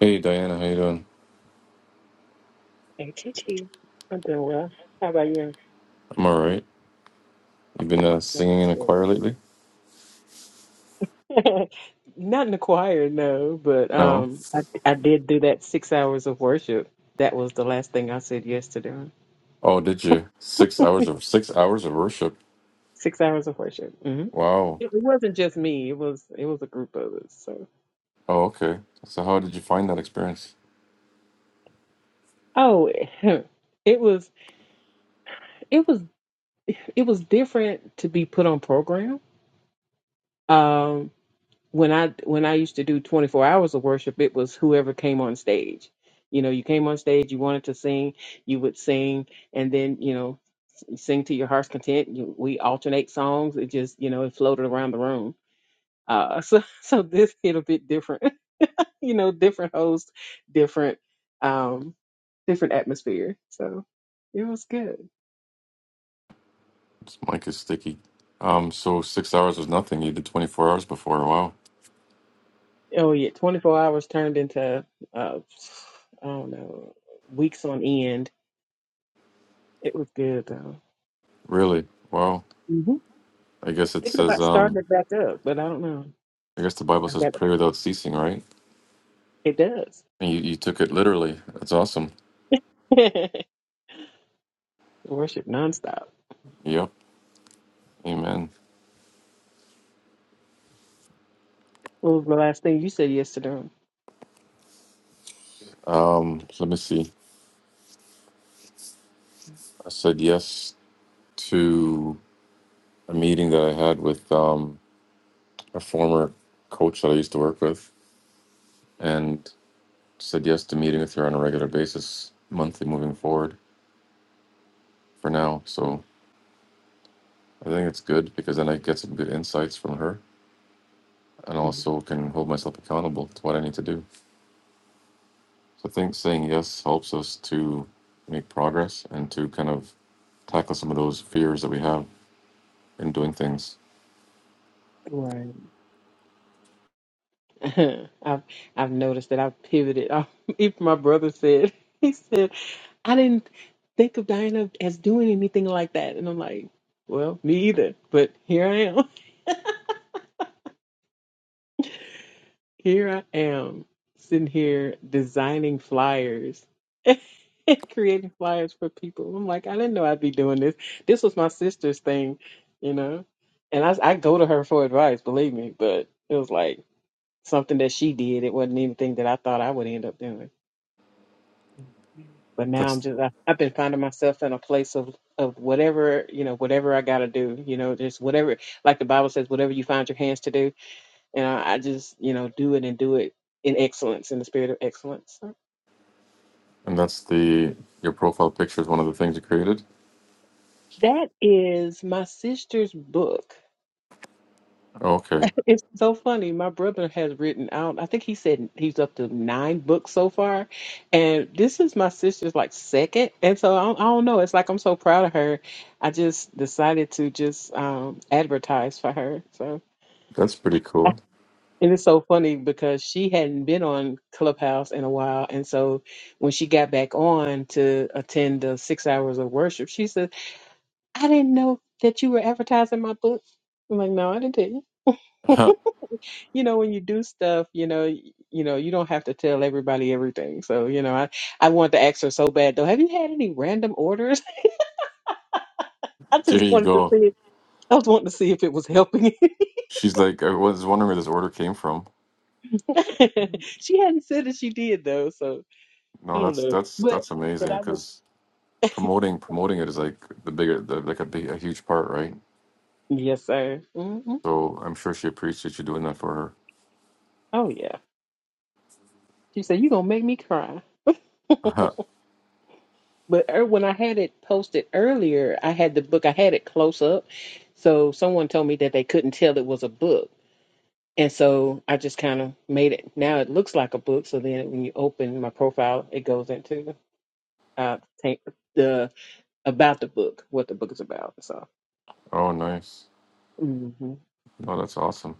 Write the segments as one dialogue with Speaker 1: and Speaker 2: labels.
Speaker 1: Hey Diana, how you doing?
Speaker 2: Hey, TT. am doing well. How about you?
Speaker 1: I'm all right. You been uh, singing in a
Speaker 2: Good.
Speaker 1: choir lately?
Speaker 2: Not in the choir, no, but
Speaker 1: No.
Speaker 2: um, I, I did do that six hours of worship. That was the last thing I said yes to doing.
Speaker 1: Oh, did you? Six hours of six hours of worship.
Speaker 2: Six hours of worship. hmm
Speaker 1: Wow.
Speaker 2: It, it wasn't just me. It was it was a group of us. So
Speaker 1: Oh, okay. So how did you find that experience?
Speaker 2: oh, it was it was it was different to be put on program. Um, when I when I used to do 24 hours of worship, it was whoever came on stage. You know, you came on stage, you wanted to sing, you would sing, and then you know, you sing to your heart's content. You, we alternate songs. It just you know, it floated around the room. Uh, so so this hit a bit different. you know, different host, different um, different atmosphere. So it was good.
Speaker 1: This mic is sticky. Um, so six hours was nothing. You did 24 hours before. Wow.
Speaker 2: Oh yeah, 24 hours turned into uh, I don't know weeks on end. It was good though.
Speaker 1: Really? Wow. I guess it
Speaker 2: Thinking
Speaker 1: says.
Speaker 2: about starting
Speaker 1: Um,
Speaker 2: it back up, but I don't know.
Speaker 1: I guess the Bible
Speaker 2: I
Speaker 1: says
Speaker 2: got to
Speaker 1: pray without ceasing, right?
Speaker 2: It does.
Speaker 1: And you, you took it literally. That's awesome.
Speaker 2: Worship nonstop.
Speaker 1: Yep. Amen.
Speaker 2: What was the last thing you said yesterday?
Speaker 1: Um, so let me see. I said yes to a meeting that I had with um a former coach that I used to work with and said yes to meeting with her on a regular basis, monthly moving forward for now. So I think it's good because then I get some good insights from her and
Speaker 2: Mhm.
Speaker 1: also can hold myself accountable to what I need to do. So I think saying yes helps us to make progress and to kind of tackle some of those fears that we have in doing things.
Speaker 2: Right. I've I've noticed that I've pivoted. I, even my brother said he said I didn't think of Diana as doing anything like that, and I'm like, well, me either. But here I am. Here I am sitting here designing flyers and creating flyers for people. I'm like, I didn't know I'd be doing this. This was my sister's thing, you know. And I I go to her for advice, believe me, but it was like something that she did. It wasn't anything that I thought I would end up doing. But now I'm
Speaker 1: That's
Speaker 2: just I, I've been finding myself in a place of of whatever you know, whatever I got to do, you know, just whatever. Like the Bible says, whatever you find your hands to do, and I, I just you know do it and do it in excellence, in the spirit of excellence.
Speaker 1: and that's the your profile picture is one of the things you created.
Speaker 2: That is my sister's book
Speaker 1: Okay.
Speaker 2: It's so funny. My brother has written out, I think he said he's up to nine books so far. And this is my sister's like second. And so I don't, I don't know. It's like I'm so proud of her. I just decided to just um, advertise for her. So
Speaker 1: That's pretty cool.
Speaker 2: and it's so funny because she hadn't been on Clubhouse in a while. And so when she got back on to attend the six hours of worship, she said, I didn't know that you were advertising my book. I'm like, no, I didn't tell you.
Speaker 1: there
Speaker 2: you know when you do stuff you know y- you know you don't have to tell everybody everything so you know i i wanted to ask her so bad though have you had any random orders i just
Speaker 1: you
Speaker 2: wanted to
Speaker 1: go.
Speaker 2: see It. i was wanting to see if it was helping
Speaker 1: She's like, I was wondering where this order came from.
Speaker 2: she hadn't said that she did though so i
Speaker 1: No,
Speaker 2: don't
Speaker 1: that's
Speaker 2: know
Speaker 1: that's
Speaker 2: but
Speaker 1: that's
Speaker 2: but
Speaker 1: amazing
Speaker 2: i was
Speaker 1: because promoting promoting it is like the bigger the, like a big a huge part, right?
Speaker 2: yes sir hmm
Speaker 1: So I'm sure she appreciates you doing that for
Speaker 2: oh yeah she said you gonna make me cry
Speaker 1: her.
Speaker 2: but er, when i had it posted earlier i had the book i had it close up so someone told me that they couldn't tell it was a book And so I just kind of made it. Now it looks like a book. So then when you open my profile, it goes into uh, ta- the about the book, what the book is about. So,
Speaker 1: oh, nice.
Speaker 2: hmm
Speaker 1: No, that's awesome.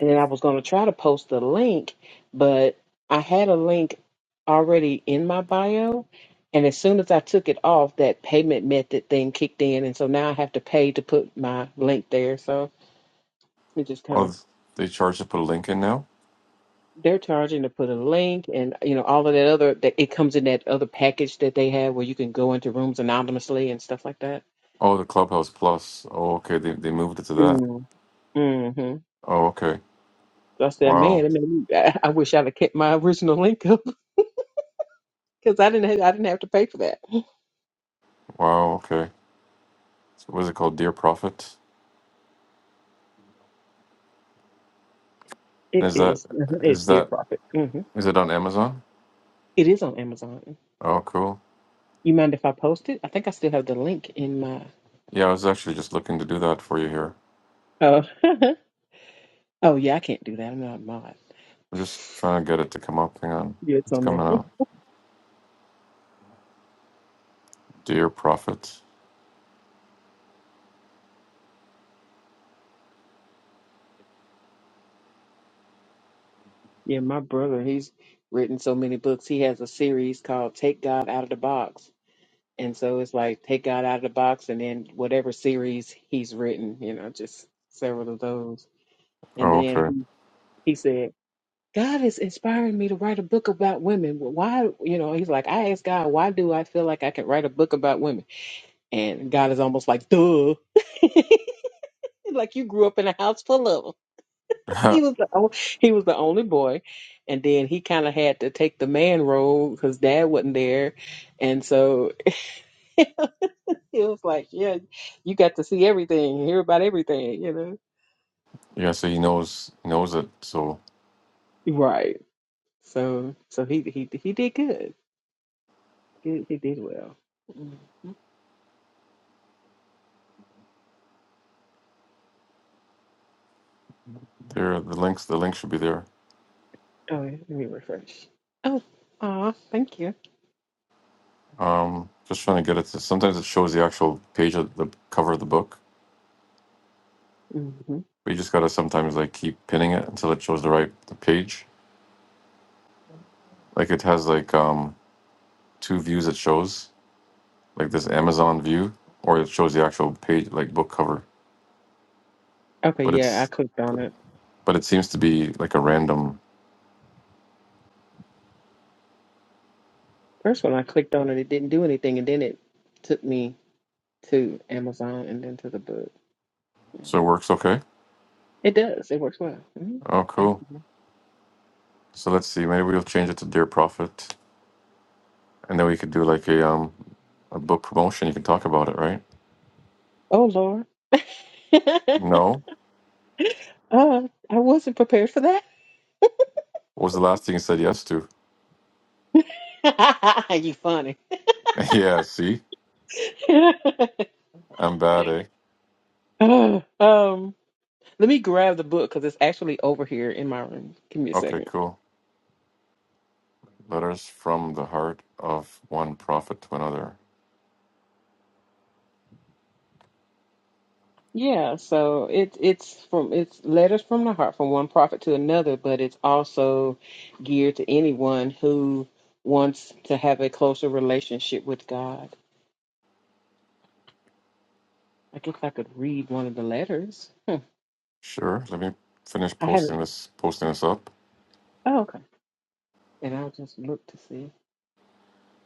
Speaker 2: and then I was going to try to post the link, but I had a link already in my bio. And as soon as I took it off, that payment method thing kicked in. And so now I have to pay to put my link there. So it just kind
Speaker 1: Oh,
Speaker 2: of
Speaker 1: th- they charge to put a link in now.
Speaker 2: they're charging to put a link and you know all of that other that it comes in that other package that they have where you can go into rooms anonymously and stuff like that.
Speaker 1: Oh, the Clubhouse Plus. Oh, okay. They they moved it to that.
Speaker 2: Mm. Mm-hmm.
Speaker 1: Oh, okay.
Speaker 2: So I said, man,
Speaker 1: Wow.
Speaker 2: it made me, I, I wish I'd have kept my original link up because I didn't have, I didn't have to pay for that.
Speaker 1: Wow. Okay. So What is it called? Dear Prophet. And
Speaker 2: It
Speaker 1: is that
Speaker 2: is uh-huh, it's
Speaker 1: is
Speaker 2: dear
Speaker 1: that
Speaker 2: profit. Mm-hmm.
Speaker 1: is it on Amazon?
Speaker 2: It is on Amazon.
Speaker 1: Oh, cool.
Speaker 2: You mind if I post it? I think I still have the link in my.
Speaker 1: Yeah, I was actually just looking to do that for you here.
Speaker 2: Oh, oh yeah, I can't do that. I'm not mod.
Speaker 1: I'm just trying to get it to come up. Hang on,
Speaker 2: Yeah, it's
Speaker 1: it's
Speaker 2: on there.
Speaker 1: coming up. Dear prophet.
Speaker 2: Yeah, my brother, he's written so many books. He has a series called Take God Out of the Box. And so it's like Take God Out of the Box and then whatever series he's written, you know, just several of those. And
Speaker 1: Oh,
Speaker 2: then
Speaker 1: okay.
Speaker 2: he, he said, God is inspiring me to write a book about women. Well, Why, you know, he's like, I asked God, why do I feel like I can write a book about women? And God is almost like, duh. like you grew up in a house full of 'em. he was the only, he was the only boy, and then he kind of had to take the man role because dad wasn't there, and so it was like, yeah, you got to see everything, hear about everything, you know.
Speaker 1: yeah, so he knows he knows it. So
Speaker 2: Right. So so he he he did good. He, he did well. hmm
Speaker 1: there, the links, the link should be there.
Speaker 2: Oh, yeah, let me refresh. Oh, aw, thank you.
Speaker 1: Um, just trying to get it to. Sometimes it shows the actual page of the cover of the book,
Speaker 2: hmm
Speaker 1: but you just gotta sometimes like keep pinning it until it shows the right the page. Like it has like um two views it shows, like this Amazon view, or it shows the actual page like book cover.
Speaker 2: Okay,
Speaker 1: But
Speaker 2: yeah, I
Speaker 1: it's
Speaker 2: clicked on it.
Speaker 1: but it seems to be like a random.
Speaker 2: First one. I clicked on it, it didn't do anything, and then it took me to Amazon and then to the book. Yeah.
Speaker 1: So it works okay.
Speaker 2: It does. It works well. Mhm.
Speaker 1: Oh, cool.
Speaker 2: Thank you.
Speaker 1: So let's see. Maybe we'll change it to Dear Prophet, and then we could do like a um a book promotion. You can talk about it, right?
Speaker 2: Oh Lord. uh,
Speaker 1: No.
Speaker 2: I wasn't prepared for that.
Speaker 1: What was the last thing you said yes to?
Speaker 2: you funny.
Speaker 1: yeah. See, I'm bad, eh?
Speaker 2: Uh, um, let me grab the book because it's actually over here in my room. Give me a
Speaker 1: Okay,
Speaker 2: second.
Speaker 1: cool. Letters from the heart of one prophet to another.
Speaker 2: Yeah, so it's it's from it's letters from the heart from one prophet to another, but it's also geared to anyone who wants to have a closer relationship with God. I guess I could read one of the letters. Hmm.
Speaker 1: Sure. Let me finish
Speaker 2: I
Speaker 1: posting
Speaker 2: haven't.
Speaker 1: this. Posting this up.
Speaker 2: And I'll just look to see.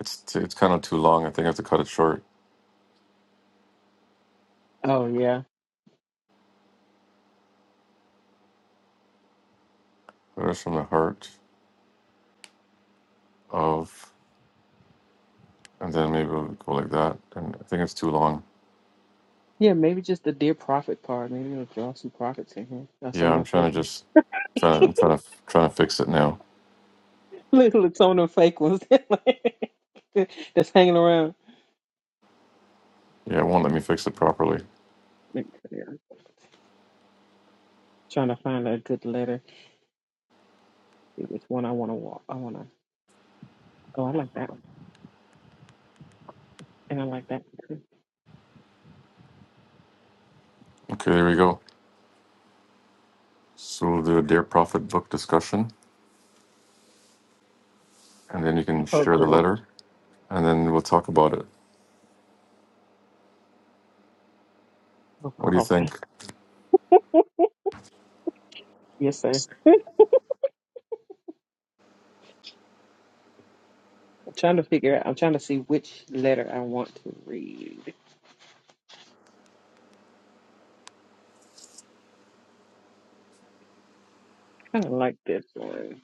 Speaker 1: It's t- it's kind of too long. I think I have to cut it short.
Speaker 2: Oh yeah.
Speaker 1: Letters from the heart of, and then maybe we'll go like that. And I think it's too long.
Speaker 2: Yeah, maybe just the dear prophet part. Maybe it'll draw some prophets in here. Now some
Speaker 1: Yeah,
Speaker 2: of
Speaker 1: I'm
Speaker 2: them fake
Speaker 1: trying to
Speaker 2: ones.
Speaker 1: just trying. I'm trying to trying to fix it now.
Speaker 2: Look, look, some of them fake ones that's hanging around.
Speaker 1: Yeah, it won't let me fix it properly.
Speaker 2: Look, yeah, Trying to find a good letter. See which one I wanna walk. I wanna oh I like that one. And I like that one too.
Speaker 1: Okay, there we go. So we'll do a Dear Prophet book discussion, and then you can
Speaker 2: Oh
Speaker 1: share the
Speaker 2: cool.
Speaker 1: letter, and then we'll talk about it.
Speaker 2: Oh,
Speaker 1: What do you
Speaker 2: oh,
Speaker 1: think?
Speaker 2: yes sir. I'm trying to figure out I'm trying to see which letter I want to read. Kinda like this one.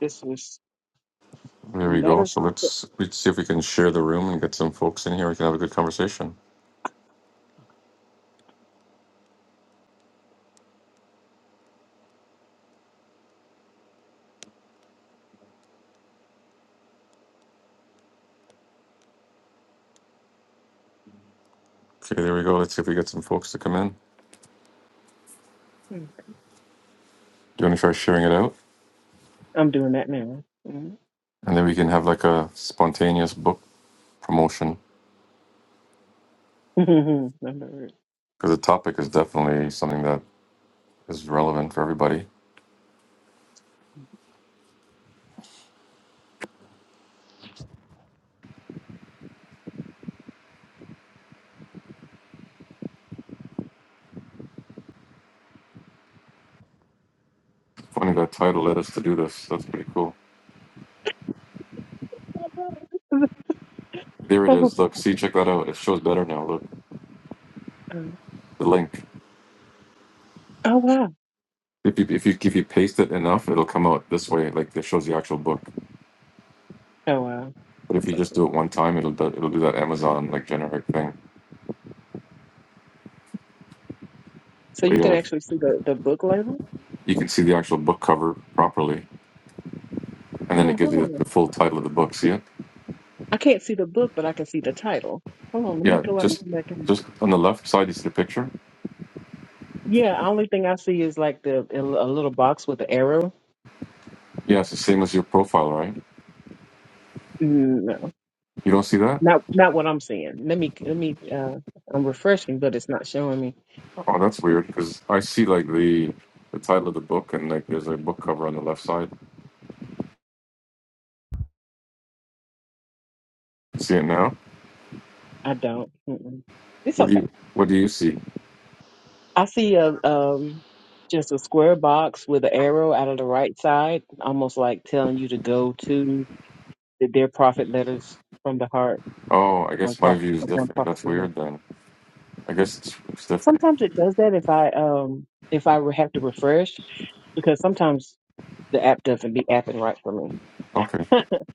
Speaker 2: This was
Speaker 1: There we go.
Speaker 2: letter
Speaker 1: So let's let's see if we can share the room and get some folks in here. We can have a good conversation. Okay, there we go. Let's see if we get some folks to come in. Do
Speaker 2: hmm,
Speaker 1: you want to try sharing it out?
Speaker 2: I'm doing that now. Mm-hmm.
Speaker 1: And then we can have like a spontaneous book promotion
Speaker 2: Number.
Speaker 1: because the topic is definitely something that is relevant for everybody. Funny that title led us to do this. That's pretty cool. There it
Speaker 2: Oh,
Speaker 1: is. Look, see, check that out. It shows better now. Look. the link.
Speaker 2: oh wow!
Speaker 1: If you if you if you paste it enough, it'll come out this way, like it shows the actual book.
Speaker 2: Oh wow!
Speaker 1: But if
Speaker 2: That's
Speaker 1: you
Speaker 2: so
Speaker 1: just
Speaker 2: cool.
Speaker 1: do it one time, it'll do, it'll do that Amazon like generic thing.
Speaker 2: So
Speaker 1: But
Speaker 2: you can
Speaker 1: yeah,
Speaker 2: actually see the the book label.
Speaker 1: you can see the actual book cover properly, and then it
Speaker 2: Oh,
Speaker 1: gives you
Speaker 2: hold
Speaker 1: the
Speaker 2: on.
Speaker 1: full title of the book. See it?
Speaker 2: I can't see the book, but I can see the title. Hold on, let me
Speaker 1: Yeah,
Speaker 2: go out and
Speaker 1: just
Speaker 2: come back in.
Speaker 1: just on the left side, you see the picture.
Speaker 2: Yeah, only thing I see is like the a little box with the arrow.
Speaker 1: Yeah, it's the same as your profile, right?
Speaker 2: Mm, No,
Speaker 1: You don't see that?
Speaker 2: not not what I'm seeing. Let me let me. Uh, I'm refreshing, but it's not showing me.
Speaker 1: Oh, that's weird because I see like the the title of the book and like there's a book cover on the left side. See it now?
Speaker 2: I don't. Mm-mm. It's okay.
Speaker 1: What do you what do you see?
Speaker 2: I see a um just a square box with an arrow out of the right side, almost like telling you to go to the Dear Prophet letters from the heart,
Speaker 1: Oh, I
Speaker 2: one
Speaker 1: guess my
Speaker 2: prophet
Speaker 1: view is
Speaker 2: of one
Speaker 1: different.
Speaker 2: prophet
Speaker 1: That's
Speaker 2: to another.
Speaker 1: weird then. I guess it's, it's different.
Speaker 2: Sometimes it does that if I um if I re- have to refresh because sometimes the app doesn't be apping right for me.
Speaker 1: Okay,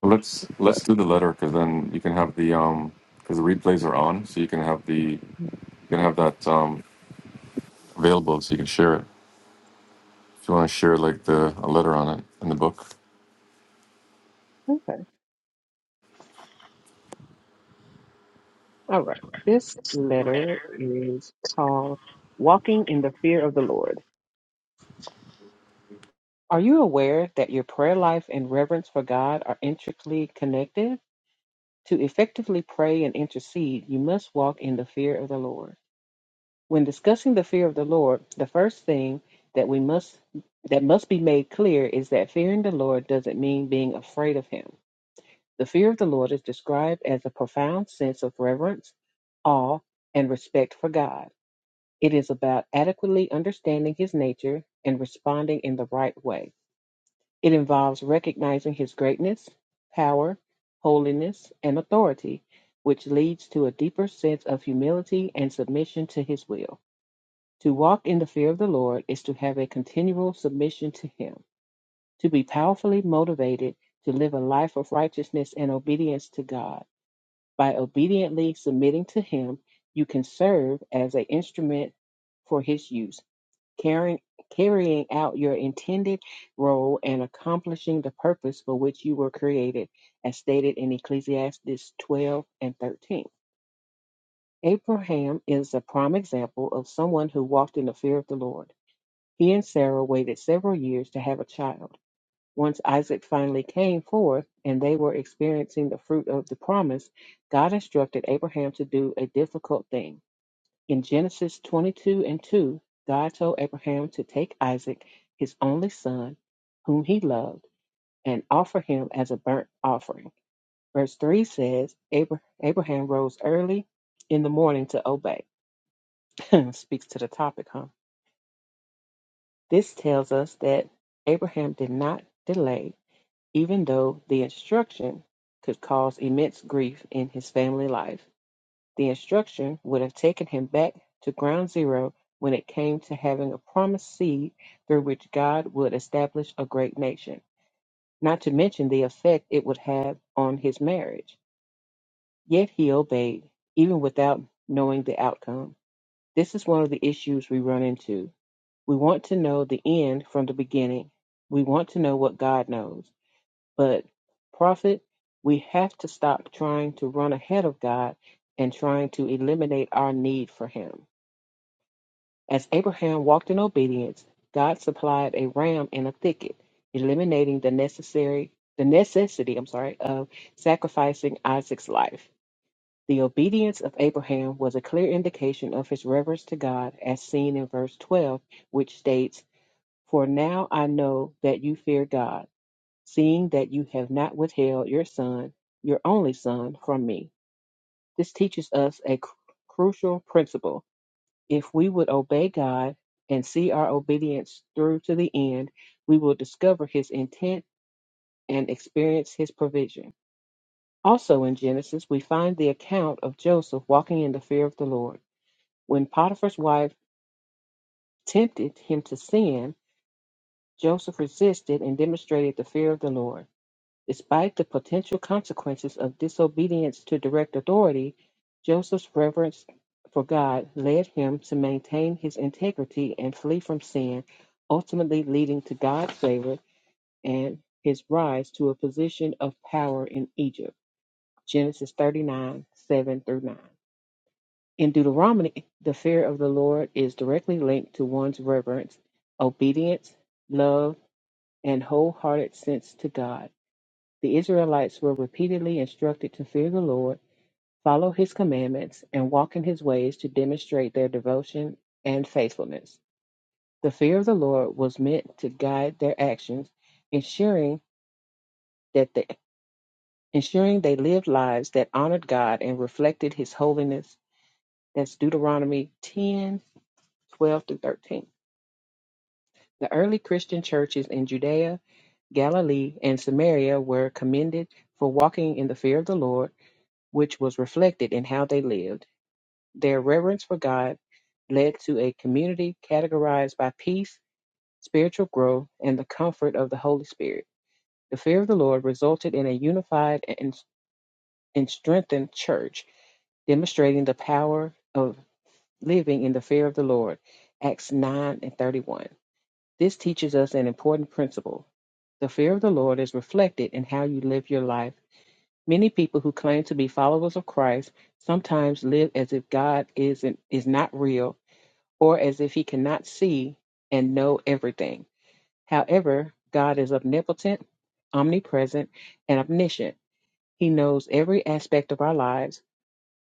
Speaker 1: Well, let's let's
Speaker 2: But
Speaker 1: do the letter because then you can have the um because the replays are on, so you can have the you can have that um available, so you can share it if you want to share like the a letter on it in the book.
Speaker 2: okay, all right. This letter is called "Walking in the Fear of the Lord." Are you aware that your prayer life and reverence for God are intricately connected? To effectively pray and intercede, you must walk in the fear of the Lord. When discussing the fear of the Lord, the first thing that we must that must be made clear is that fearing the Lord doesn't mean being afraid of him. The fear of the Lord is described as a profound sense of reverence, awe, and respect for God. It is about adequately understanding his nature and responding in the right way. It involves recognizing his greatness, power, holiness, and authority, which leads to a deeper sense of humility and submission to his will. To walk in the fear of the Lord is to have a continual submission to him, to be powerfully motivated to live a life of righteousness and obedience to God. By obediently submitting to him, you can serve as an instrument for his use carrying, carrying out your intended role and accomplishing the purpose for which you were created, as stated in Ecclesiastes 12 and 13. Abraham is a prime example of someone who walked in the fear of the Lord. He and Sarah waited several years to have a child. Once Isaac finally came forth and they were experiencing the fruit of the promise, God instructed Abraham to do a difficult thing in Genesis 22 and 2, God told Abraham to take Isaac, his only son, whom he loved, and offer him as a burnt offering. Verse 3 says, "Abra- Abraham rose early in the morning to obey. Speaks to the topic, huh? This tells us that Abraham did not delay, even though the instruction could cause immense grief in his family life. The instruction would have taken him back to ground zero when it came to having a promised seed through which God would establish a great nation, not to mention the effect it would have on his marriage. Yet he obeyed, even without knowing the outcome. This is one of the issues we run into. We want to know the end from the beginning, we want to know what God knows. But, prophet, we have to stop trying to run ahead of God and trying to eliminate our need for him. As Abraham walked in obedience, God supplied a ram in a thicket, eliminating the necessary the necessity, I'm sorry, of sacrificing Isaac's life. The obedience of Abraham was a clear indication of his reverence to God as seen in verse 12, which states, "For now I know that you fear God, seeing that you have not withheld your son, your only son, from me." This teaches us a cru- crucial principle if we would obey God and see our obedience through to the end, we will discover his intent and experience his provision. Also in Genesis, we find the account of Joseph walking in the fear of the Lord. When Potiphar's wife tempted him to sin, Joseph resisted and demonstrated the fear of the Lord. Despite the potential consequences of disobedience to direct authority, Joseph's reverence for God led him to maintain his integrity and flee from sin, ultimately leading to God's favor and his rise to a position of power in Egypt. Genesis 39 7 through 9. In Deuteronomy, the fear of the Lord is directly linked to one's reverence, obedience, love, and wholehearted sense to God. The Israelites were repeatedly instructed to fear the Lord, follow his commandments, and walk in his ways to demonstrate their devotion and faithfulness. The fear of the Lord was meant to guide their actions, ensuring that they, ensuring they lived lives that honored God and reflected his holiness. That's Deuteronomy 1012 through 13. The early Christian churches in Judea Galilee, and Samaria were commended for walking in the fear of the Lord, which was reflected in how they lived. Their reverence for God led to a community categorized by peace, spiritual growth, and the comfort of the Holy Spirit. The fear of the Lord resulted in a unified and, and strengthened church, demonstrating the power of living in the fear of the Lord. Acts 9 and 31. This teaches us an important principle. The fear of the Lord is reflected in how you live your life. Many people who claim to be followers of Christ sometimes live as if God isn't, is not real or as if he cannot see and know everything. However, God is omnipotent, omnipresent, and omniscient. He knows every aspect of our lives,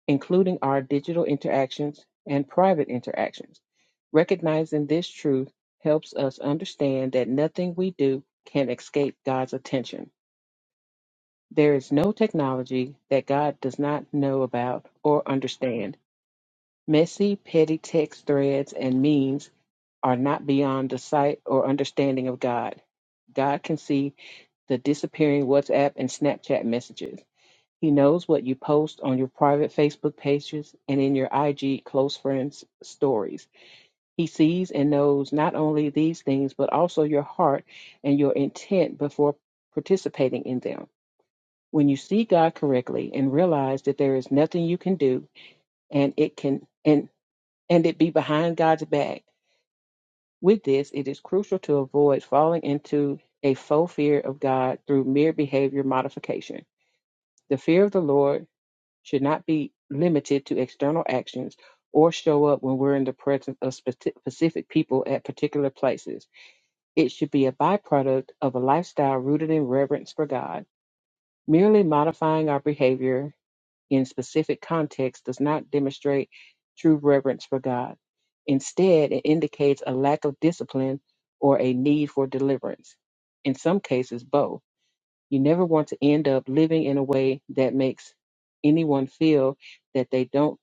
Speaker 2: including our digital interactions and private interactions. Recognizing this truth helps us understand that nothing we do can escape God's attention. There is no technology that God does not know about or understand. Messy, petty text threads and memes are not beyond the sight or understanding of God. God can see the disappearing WhatsApp and Snapchat messages. He knows what you post on your private Facebook pages and in your IG close friends stories. He sees and knows not only these things, but also your heart and your intent before participating in them. When you see God correctly and realize that there is nothing you can do and it can and and it be behind God's back, With this, it is crucial to avoid falling into a faux fear of God through mere behavior modification. The fear of the Lord should not be limited to external actions or show up when we're in the presence of speci- specific people at particular places. It should be a byproduct of a lifestyle rooted in reverence for God. Merely modifying our behavior in specific contexts does not demonstrate true reverence for God. Instead, it indicates a lack of discipline or a need for deliverance. In some cases, both. You never want to end up living in a way that makes anyone feel that they don't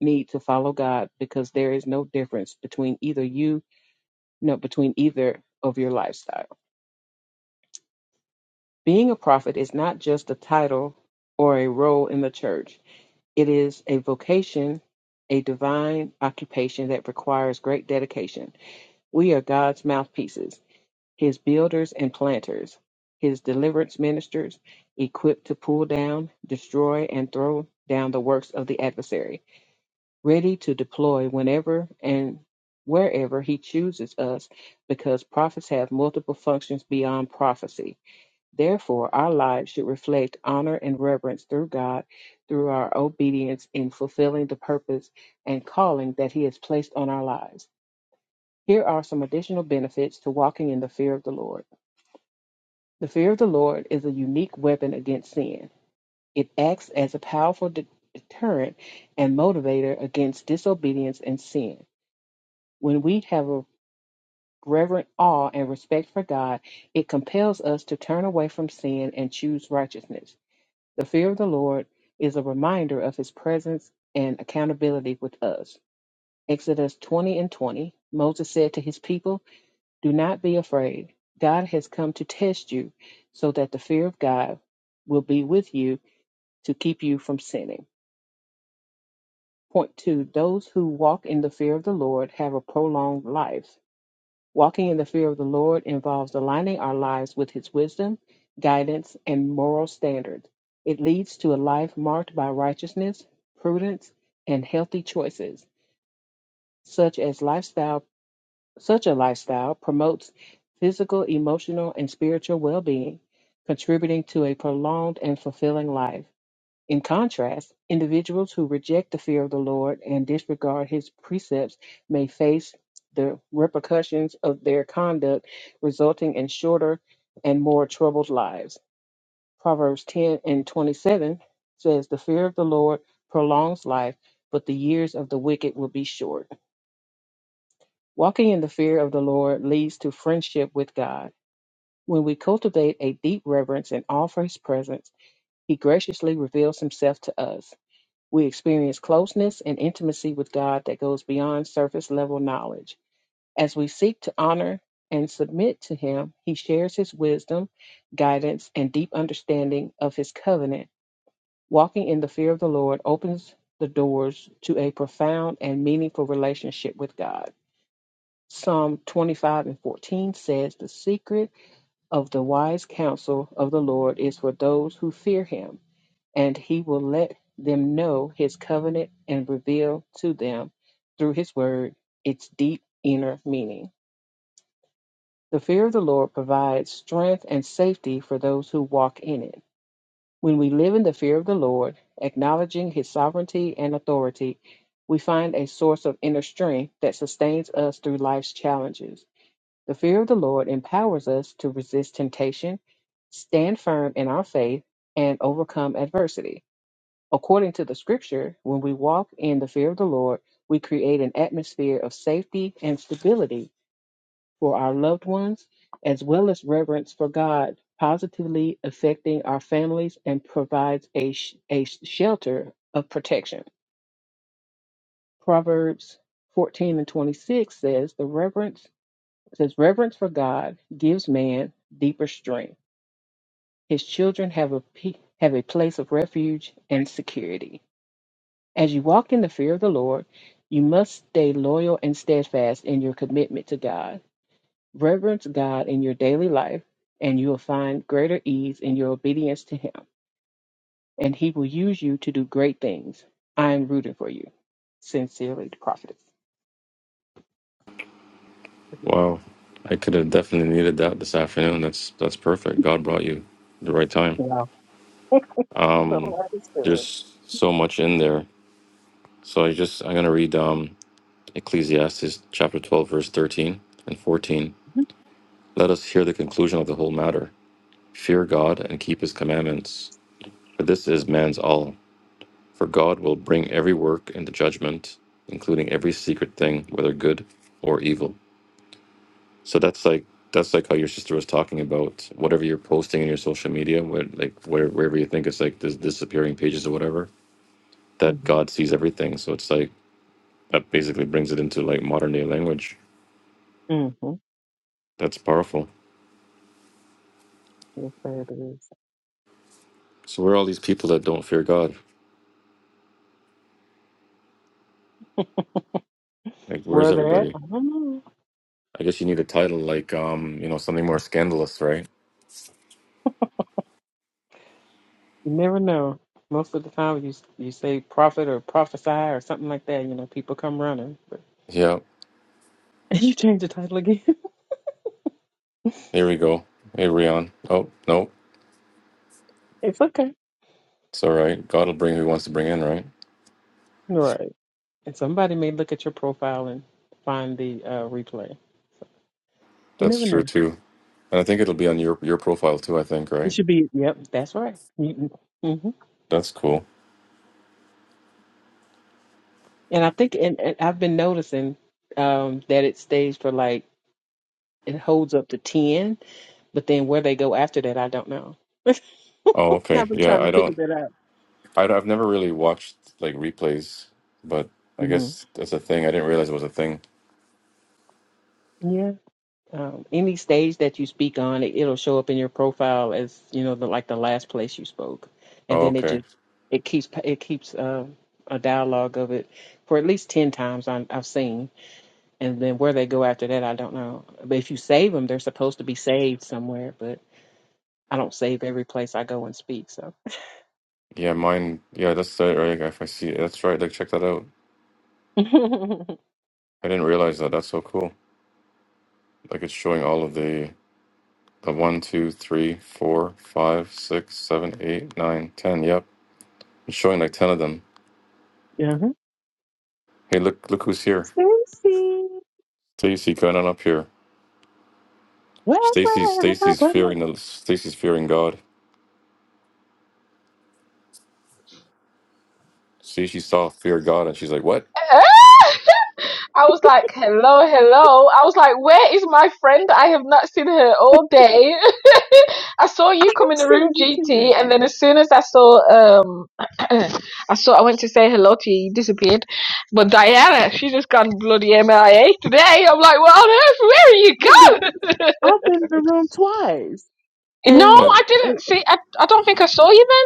Speaker 2: need to follow God because there is no difference between either you, no, between either of your lifestyle. Being a prophet is not just a title or a role in the church. It is a vocation, a divine occupation that requires great dedication. We are God's mouthpieces, His builders and planters, His deliverance ministers, equipped to pull down, destroy, and throw down the works of the adversary, ready to deploy whenever and wherever He chooses us, because prophets have multiple functions beyond prophecy Therefore, our lives should reflect honor and reverence through God through our obedience in fulfilling the purpose and calling that He has placed on our lives. Here are some additional benefits to walking in the fear of the Lord. The fear of the Lord is a unique weapon against sin. It acts as a powerful de- deterrent and motivator against disobedience and sin. When we have a reverent awe and respect for God, it compels us to turn away from sin and choose righteousness. The fear of the Lord is a reminder of his presence and accountability with us. Exodus 20 and 20, Moses said to his people, Do not be afraid. God has come to test you so that the fear of God will be with you to keep you from sinning. Point two, those who walk in the fear of the Lord have a prolonged life. Walking in the fear of the Lord involves aligning our lives with His wisdom, guidance, and moral standards. It leads to a life marked by righteousness, prudence, and healthy choices, such as lifestyle. Such a lifestyle promotes physical, emotional, and spiritual well-being, contributing to a prolonged and fulfilling life. In contrast, individuals who reject the fear of the Lord and disregard his precepts may face the repercussions of their conduct, resulting in shorter and more troubled lives. Proverbs 10 and 27 says, The fear of the Lord prolongs life, but the years of the wicked will be short. Walking in the fear of the Lord leads to friendship with God. When we cultivate a deep reverence and awe for his presence, he graciously reveals himself to us. We experience closeness and intimacy with God that goes beyond surface level knowledge. As we seek to honor and submit to Him, He shares His wisdom, guidance, and deep understanding of His covenant. Walking in the fear of the Lord opens the doors to a profound and meaningful relationship with God. Psalm 25 and 14 says, The secret of the wise counsel of the Lord is for those who fear Him and he will let them know his covenant and reveal to them through his word its deep inner meaning. The fear of the Lord provides strength and safety for those who walk in it. When we live in the fear of the Lord, acknowledging his sovereignty and authority, we find a source of inner strength that sustains us through life's challenges. The fear of the Lord empowers us to resist temptation, stand firm in our faith, and overcome adversity. According to the scripture, when we walk in the fear of the Lord, we create an atmosphere of safety and stability for our loved ones, as well as reverence for God, positively affecting our families and provides a, sh- a shelter of protection. Proverbs 14 and 26 says, The reverence says reverence for God gives man deeper strength. His children have a pe- have a place of refuge and security. As you walk in the fear of the Lord, you must stay loyal and steadfast in your commitment to God. Reverence God in your daily life, and you will find greater ease in your obedience to Him, and He will use you to do great things. I am rooting for you. Sincerely, the prophetess.
Speaker 1: Wow, I could have definitely needed that this afternoon. That's that's perfect. God brought you the right time.
Speaker 2: Wow.
Speaker 1: Um,
Speaker 2: Little understood.
Speaker 1: there's so much in there. So I just I'm gonna read um Ecclesiastes chapter 12 verse 13 and 14. Let us hear the conclusion of the whole matter. Fear God and keep his commandments, for this is man's all. For God will bring every work into judgment, including every secret thing, whether good or evil. So that's like that's like how your sister was talking about whatever you're posting in your social media, what like where, wherever you think it's like this disappearing pages or whatever, that
Speaker 2: Mm-hmm.
Speaker 1: God sees everything. So it's like that basically brings it into like modern day language.
Speaker 2: Mm-hmm.
Speaker 1: That's powerful.
Speaker 2: Yes, sir, it is.
Speaker 1: So where are all these people that don't fear God? Like where's
Speaker 2: Where they're at,
Speaker 1: everybody?
Speaker 2: I don't know.
Speaker 1: I guess you need a title like um, you know, something more scandalous, right?
Speaker 2: You never know. Most of the time, you you say prophet or prophesy or something like that. You know, people come running, but
Speaker 1: Yeah,
Speaker 2: and you change the title again.
Speaker 1: here we go. Hey, Rion. Oh, no,
Speaker 2: It's okay,
Speaker 1: it's all right. God will bring who He wants to bring in, right?
Speaker 2: right? And somebody may look at your profile and find the uh, replay. You
Speaker 1: That's
Speaker 2: never
Speaker 1: true
Speaker 2: know.
Speaker 1: too. And I think it'll be on your your profile too. I think,
Speaker 2: It
Speaker 1: right?
Speaker 2: should be. Yep, that's right. Mm-hmm.
Speaker 1: That's cool.
Speaker 2: And I think, and, and I've been noticing um, that it stays for like it holds up to ten, but then where they go after that, I don't know.
Speaker 1: Oh,
Speaker 2: I've
Speaker 1: okay.
Speaker 2: been
Speaker 1: Yeah,
Speaker 2: trying to
Speaker 1: I
Speaker 2: figure
Speaker 1: don't.
Speaker 2: that out.
Speaker 1: I, I've never really watched like replays, but I
Speaker 2: Mhm.
Speaker 1: guess that's a thing. I didn't realize it was a thing.
Speaker 2: Um, any stage that you speak on, it, it'll show up in your profile as you know, the, like the last place you spoke, and
Speaker 1: Oh,
Speaker 2: then it
Speaker 1: okay.
Speaker 2: just it keeps it keeps um a dialogue of it for at least ten times I'm, I've seen, and then where they go after that, I don't know. But if you save them, they're supposed to be saved somewhere, but I don't save every place I go and speak. So,
Speaker 1: Yeah, mine. Yeah, that's it, right. If I see, that's right. Like, check that out.
Speaker 2: yeah,
Speaker 1: I didn't realize that. That's so cool. Like, it's showing all of the the one, two, three, four, five, six, seven, eight, nine, ten. Yep, it's showing like ten of them. Hey, look, look who's here.
Speaker 2: Stacy,
Speaker 1: Stacy Come on up here.
Speaker 2: well,
Speaker 1: Stacy's
Speaker 2: well, well,
Speaker 1: Stacy's
Speaker 2: well,
Speaker 1: fearing the Stacy's fearing God. See, she saw fear God, and she's like, "What?
Speaker 3: I was like, hello, hello. I was like, where is my friend? I have not seen her all day. I saw
Speaker 2: I
Speaker 3: you come
Speaker 2: have
Speaker 3: in the room,
Speaker 2: seen you today.
Speaker 3: GT, and then as soon as I saw, um, I saw, I went to say hello to you, you disappeared. But Diana, she just gone bloody MIA today. I'm like, what on earth? Where are you
Speaker 2: I've been,
Speaker 3: gone?
Speaker 2: I've been in the room twice,
Speaker 3: no,
Speaker 1: Uh,
Speaker 2: and.
Speaker 3: I didn't see, I, I don't think I saw you there.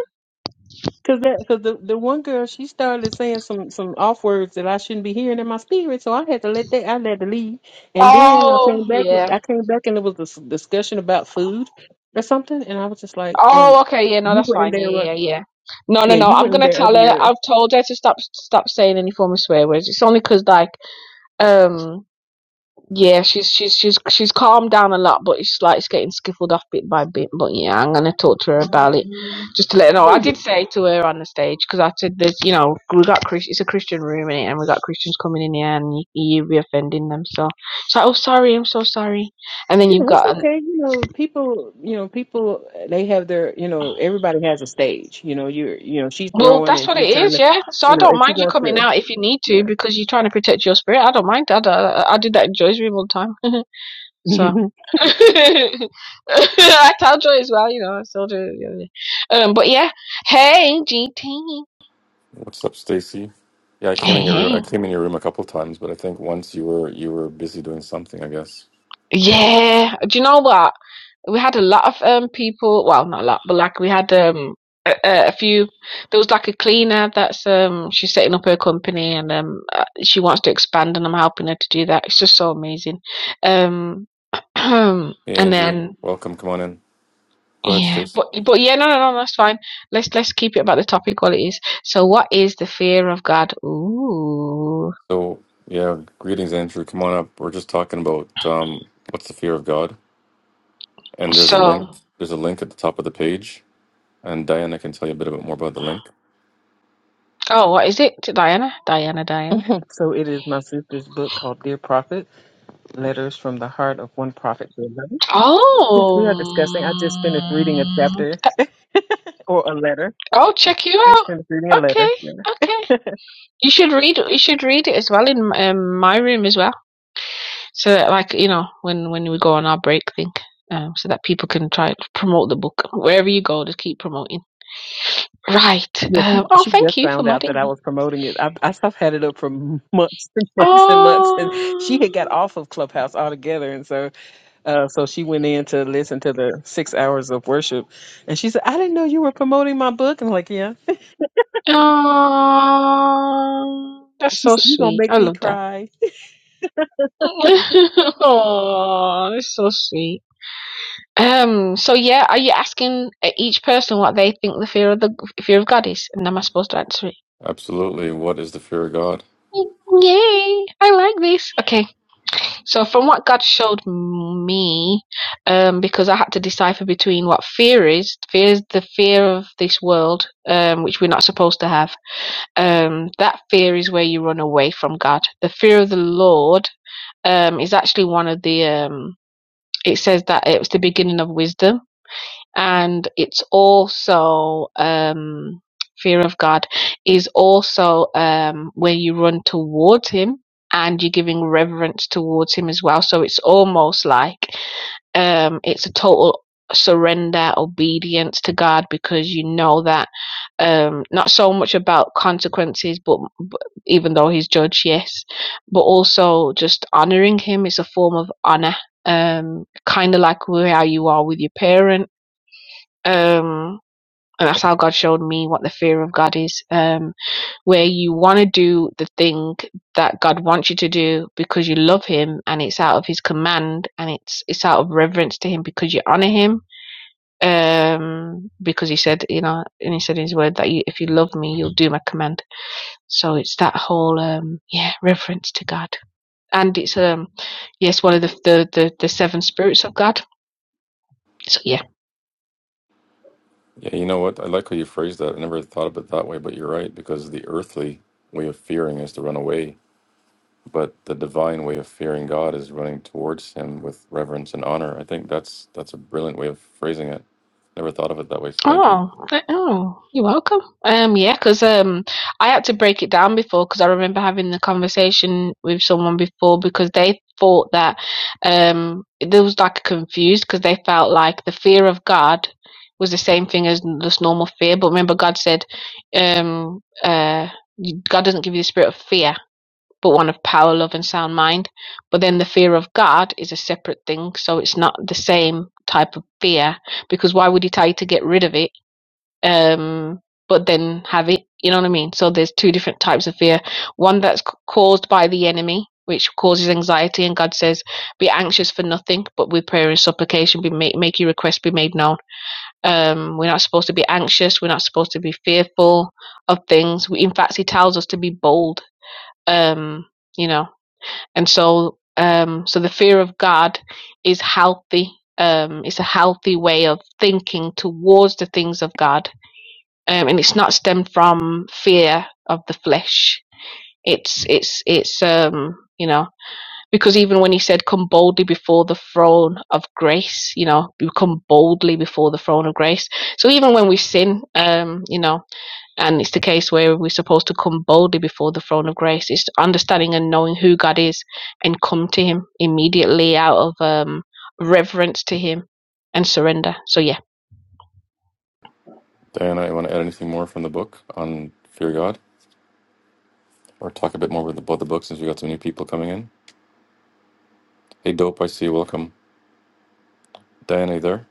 Speaker 2: Cause that, cause the, the one girl, she started saying some some off words that I shouldn't be hearing in my spirit, so I had to let that. I had to leave, and then I
Speaker 3: Oh,
Speaker 2: came back.
Speaker 3: yeah.
Speaker 2: I came back, and it was this discussion about food or something, and I was just like, and
Speaker 3: Oh, okay, yeah, no,
Speaker 2: you
Speaker 3: that's
Speaker 2: were in
Speaker 3: fine.
Speaker 2: there. uh,
Speaker 3: Yeah, yeah, yeah. No, no,
Speaker 2: Yeah,
Speaker 3: no.
Speaker 2: you were
Speaker 3: I'm
Speaker 2: in
Speaker 3: gonna
Speaker 2: there
Speaker 3: tell her.
Speaker 2: earlier.
Speaker 3: I've told her to stop, stop saying any form of swear words. It's only 'cause like, um, yeah, she's she's she's she's calmed down a lot, but it's like it's getting skiffled off bit by bit. But yeah, I'm gonna talk to her about it just to let her know. I
Speaker 2: Oh yeah,
Speaker 3: did say to her on the stage 'cause I said, "There's, you know, we got Chris. It's a Christian room in it, and we got Christians coming in here, and you, you'd be offending them." So, she's like, "Oh, sorry, I'm so sorry." And then
Speaker 2: you
Speaker 3: you've
Speaker 2: know it's
Speaker 3: got
Speaker 2: okay. You know people. You know people. They have their. You know everybody has a stage. You know you're. You know she's
Speaker 3: Well,
Speaker 2: growing
Speaker 3: that's
Speaker 2: and
Speaker 3: what it
Speaker 2: she's trying
Speaker 3: is,
Speaker 2: to.
Speaker 3: yeah. So
Speaker 2: You
Speaker 3: I
Speaker 2: know
Speaker 3: don't
Speaker 2: if she
Speaker 3: mind you
Speaker 2: wants
Speaker 3: coming
Speaker 2: to.
Speaker 3: out if you need to
Speaker 2: Yeah.
Speaker 3: because you're trying to protect your spirit. I don't mind I, I I do that in Joy's room all the time. so I tell Joy as well, you know, I still do. yeah, yeah. Um, but yeah. Hey, GT.
Speaker 1: what's up, Stacy?" Yeah, I came
Speaker 3: Hey,
Speaker 1: in your room.
Speaker 3: hey.
Speaker 1: I came in your room a couple times, but I think once you were you were busy doing something. I guess.
Speaker 3: Yeah, do you know what? We had a lot of um people. Well, not a lot, but like we had um a, a few. There was like a cleaner that's um she's setting up her company and um uh, she wants to expand and I'm helping her to do that. It's just so amazing. Um, and
Speaker 1: Hey, Andrew,
Speaker 3: then
Speaker 1: welcome. Come on in. Go ahead,
Speaker 3: yeah,
Speaker 1: Stacy.
Speaker 3: but but yeah, no, no, no, that's fine. Let's let's keep it about the topic while it is. So, what is the fear of God? Ooh,
Speaker 1: So, yeah, greetings, Andrew. Come on up. We're just talking about um, what's the fear of God, and there's a link.
Speaker 3: so.
Speaker 1: There's a link at the top of the page, and Diana can tell you a bit about more about the link.
Speaker 3: Oh, what is it, Diana? Diana, Diana.
Speaker 2: so it is my sister's book called Dear Prophet Letters from the Heart of One Prophet to Another, which we
Speaker 3: Oh,
Speaker 2: are discussing. I just finished reading a
Speaker 3: mm,
Speaker 2: chapter or a letter.
Speaker 3: I'll check you
Speaker 2: I just
Speaker 3: out.
Speaker 2: finished reading a
Speaker 3: Okay,
Speaker 2: letter. Yeah,
Speaker 3: okay. You should read. You should read it as well in um, my room as well. So that, like you know, when when we go on our break thing, um, so that people can try to promote the book wherever you go. Just keep promoting. Right.
Speaker 2: yeah she,
Speaker 3: Um, oh,
Speaker 2: she just
Speaker 3: thank you for
Speaker 2: found out
Speaker 3: modding
Speaker 2: that I
Speaker 3: me.
Speaker 2: was promoting it. I, I have had it up for months and months and months, and she
Speaker 3: Oh,
Speaker 2: had got off of Clubhouse altogether, and so uh, so she went in to listen to the six hours of worship, and she said, "I didn't know you were promoting my book." And I'm like, "Yeah."
Speaker 3: oh, that's
Speaker 2: She
Speaker 3: so
Speaker 2: said, "You gonna
Speaker 3: sweet.
Speaker 2: make
Speaker 3: I
Speaker 2: me
Speaker 3: love that.
Speaker 2: cry?"
Speaker 3: oh, that's so sweet. Um. So yeah, are you asking uh, each person what they think the fear of the fear of God is, and am I supposed to answer it?
Speaker 1: Absolutely. What is the fear of God?
Speaker 3: Yay! I like this. Okay. So from what God showed me, um, because I had to decipher between what fear is, fear is the fear of this world, um, which we're not supposed to have. Um, that fear is where you run away from God. The fear of the Lord, um, is actually one of the um. It says that it was the beginning of wisdom and it's also um fear of God is also um when you run towards him and you're giving reverence towards him as well so it's almost like um it's a total surrender obedience to God because you know that um not so much about consequences but, but even though he's judge yes but also just honoring him is a form of honor um kind of like where you are with your parent um and that's how God showed me what the fear of God is. Um, where you want to do the thing that God wants you to do because you love Him and it's out of His command and it's it's out of reverence to Him because you honor Him. Um, because He said, you know, and He said in His word that you, if you love me, you'll do my command. So it's that whole um, yeah, reverence to God, and it's um, yes, one of the the the, the seven spirits of God. So yeah.
Speaker 1: Yeah, you know what? I like how you phrased that. I never thought of it that way, but you're right, because the earthly way of fearing is to run away, but the divine way of fearing God is running towards him with reverence and honor. I think that's that's a brilliant way of phrasing it. Never thought of it that way. so Thank you.
Speaker 3: Oh, I- oh, you're welcome. Um, yeah, because um, I had to break it down before because I remember having the conversation with someone before because they thought that um, there was like confused because they felt like the fear of God was the same thing as this normal fear. But remember, God said, um, uh, you- God doesn't give you the spirit of fear, but one of power, love, and sound mind. But then the fear of God is a separate thing, so it's not the same type of fear because why would he tell you to get rid of it um but then have it you know what i mean so there's two different types of fear one that's c- caused by the enemy which causes anxiety and god says be anxious for nothing but with prayer and supplication be make, make your request be made known um we're not supposed to be anxious we're not supposed to be fearful of things we, in fact he tells us to be bold um you know and so um so the fear of god is healthy um it's a healthy way of thinking towards the things of god um, and it's not stemmed from fear of the flesh. It's it's it's um you know because even when he said come boldly before the throne of grace, you know, we come boldly before the throne of grace. So even when we sin, um, you know, and it's the case where we're supposed to come boldly before the throne of grace, it's understanding and knowing who God is and come to Him immediately out of um reverence to Him and surrender. So yeah.
Speaker 1: Diana, you want to add anything more from the book on fear God? Or talk a bit more with- the- about the book since we got some new people coming in? Hey Dope, I see you. Welcome. Diana, you there?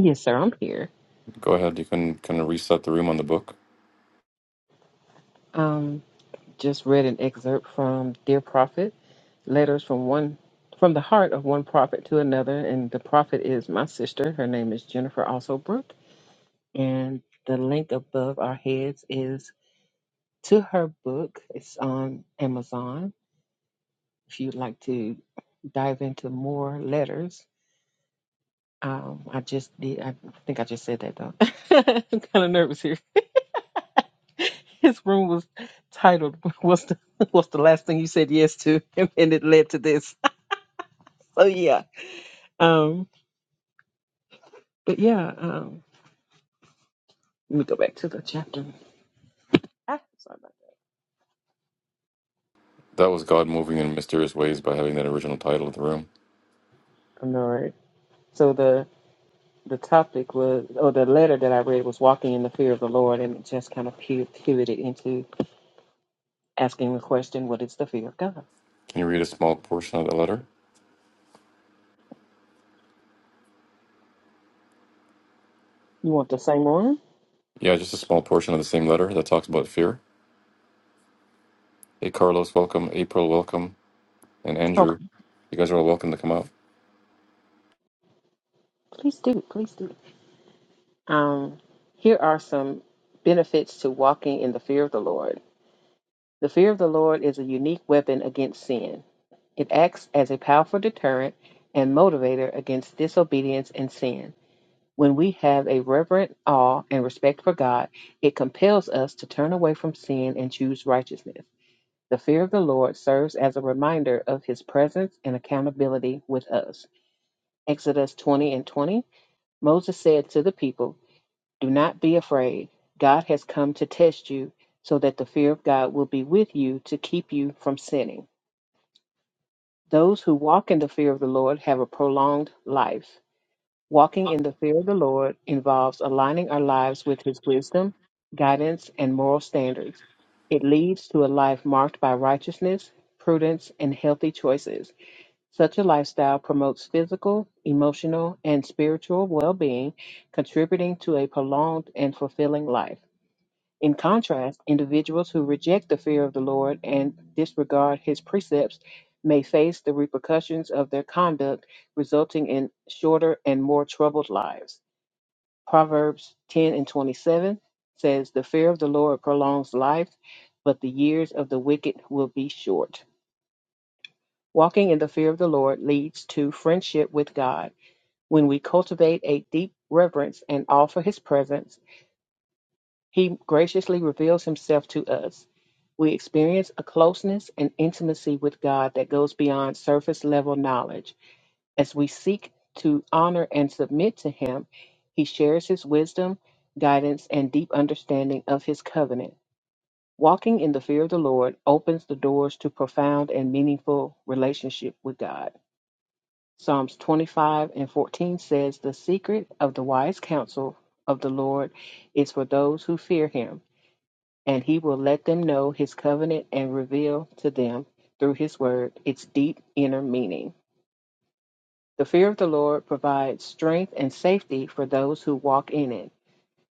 Speaker 2: Yes, sir. I'm here.
Speaker 1: Go ahead. You can kind of reset the room on the book.
Speaker 2: Um, just read an excerpt from Dear Prophet. letters from one from the heart of one prophet to another and the prophet is my sister her name is jennifer also brooke and the link above our heads is to her book it's on amazon if you'd like to dive into more letters um, I just did. I think I just said that though. I'm kind of nervous here. His room was titled "What's the What's the last thing you said yes to?" and it led to this. So yeah. Um, but yeah. Um, Let me go back to the chapter. Ah, sorry about
Speaker 1: That was God moving in mysterious ways by having that original title of the room.
Speaker 2: that. I'm all right. So the the topic was, or the letter that I read was walking in the fear of the Lord, and it just kind of pi- pivoted into asking the question, "What is the fear of God?"
Speaker 1: Can you read a small portion of the letter?
Speaker 2: You want the same one?
Speaker 1: Yeah, just a small portion of the same letter that talks about fear. Hey, Carlos, welcome. April, welcome. And Andrew,
Speaker 2: Okay,
Speaker 1: you guys are all welcome to come out.
Speaker 2: please do, please do. Um, here are some benefits to walking in the fear of the Lord. The fear of the Lord is a unique weapon against sin. It acts as a powerful deterrent and motivator against disobedience and sin. When we have a reverent awe and respect for God, it compels us to turn away from sin and choose righteousness. The fear of the Lord serves as a reminder of his presence and accountability with us. Exodus 20 and 20 Moses said to the people, Do not be afraid. God has come to test you so that the fear of God will be with you to keep you from sinning. Those who walk in the fear of the Lord have a prolonged life. Walking in the fear of the Lord involves aligning our lives with His wisdom, guidance, and moral standards. It leads to a life marked by righteousness, prudence, and healthy choices. Such a lifestyle promotes physical, emotional, and spiritual well being, contributing to a prolonged and fulfilling life. In contrast, individuals who reject the fear of the Lord and disregard his precepts may face the repercussions of their conduct, resulting in shorter and more troubled lives. Proverbs 10 and 27 says, The fear of the Lord prolongs life, but the years of the wicked will be short. Walking in the fear of the Lord leads to friendship with God. When we cultivate a deep reverence and awe for his presence, He graciously reveals himself to us. We experience a closeness and intimacy with God that goes beyond surface level knowledge. As we seek to honor and submit to Him, He shares His wisdom, guidance, and deep understanding of His covenant. Walking in the fear of the Lord opens the doors to profound and meaningful relationship with God. Psalms 25 and 14 says, The secret of the wise counsel of the Lord is for those who fear Him and he will let them know his covenant and reveal to them through his word its deep inner meaning. The fear of the Lord provides strength and safety for those who walk in it.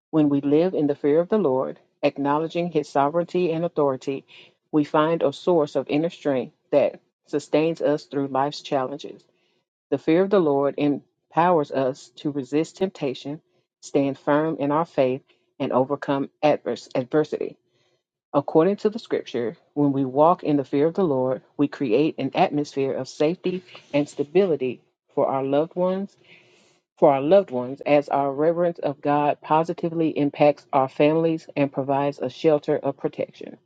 Speaker 2: When we live in the fear of the Lord, acknowledging his sovereignty and authority, we find a source of inner strength that sustains us through life's challenges. The fear of the Lord empowers us to resist temptation, stand firm in our faith, and overcome adverse adversity. According to the scripture, when we walk in the fear of the Lord, we create an atmosphere of safety and stability for our loved ones, for our loved ones, as our reverence of God positively impacts our families and provides a shelter of protection.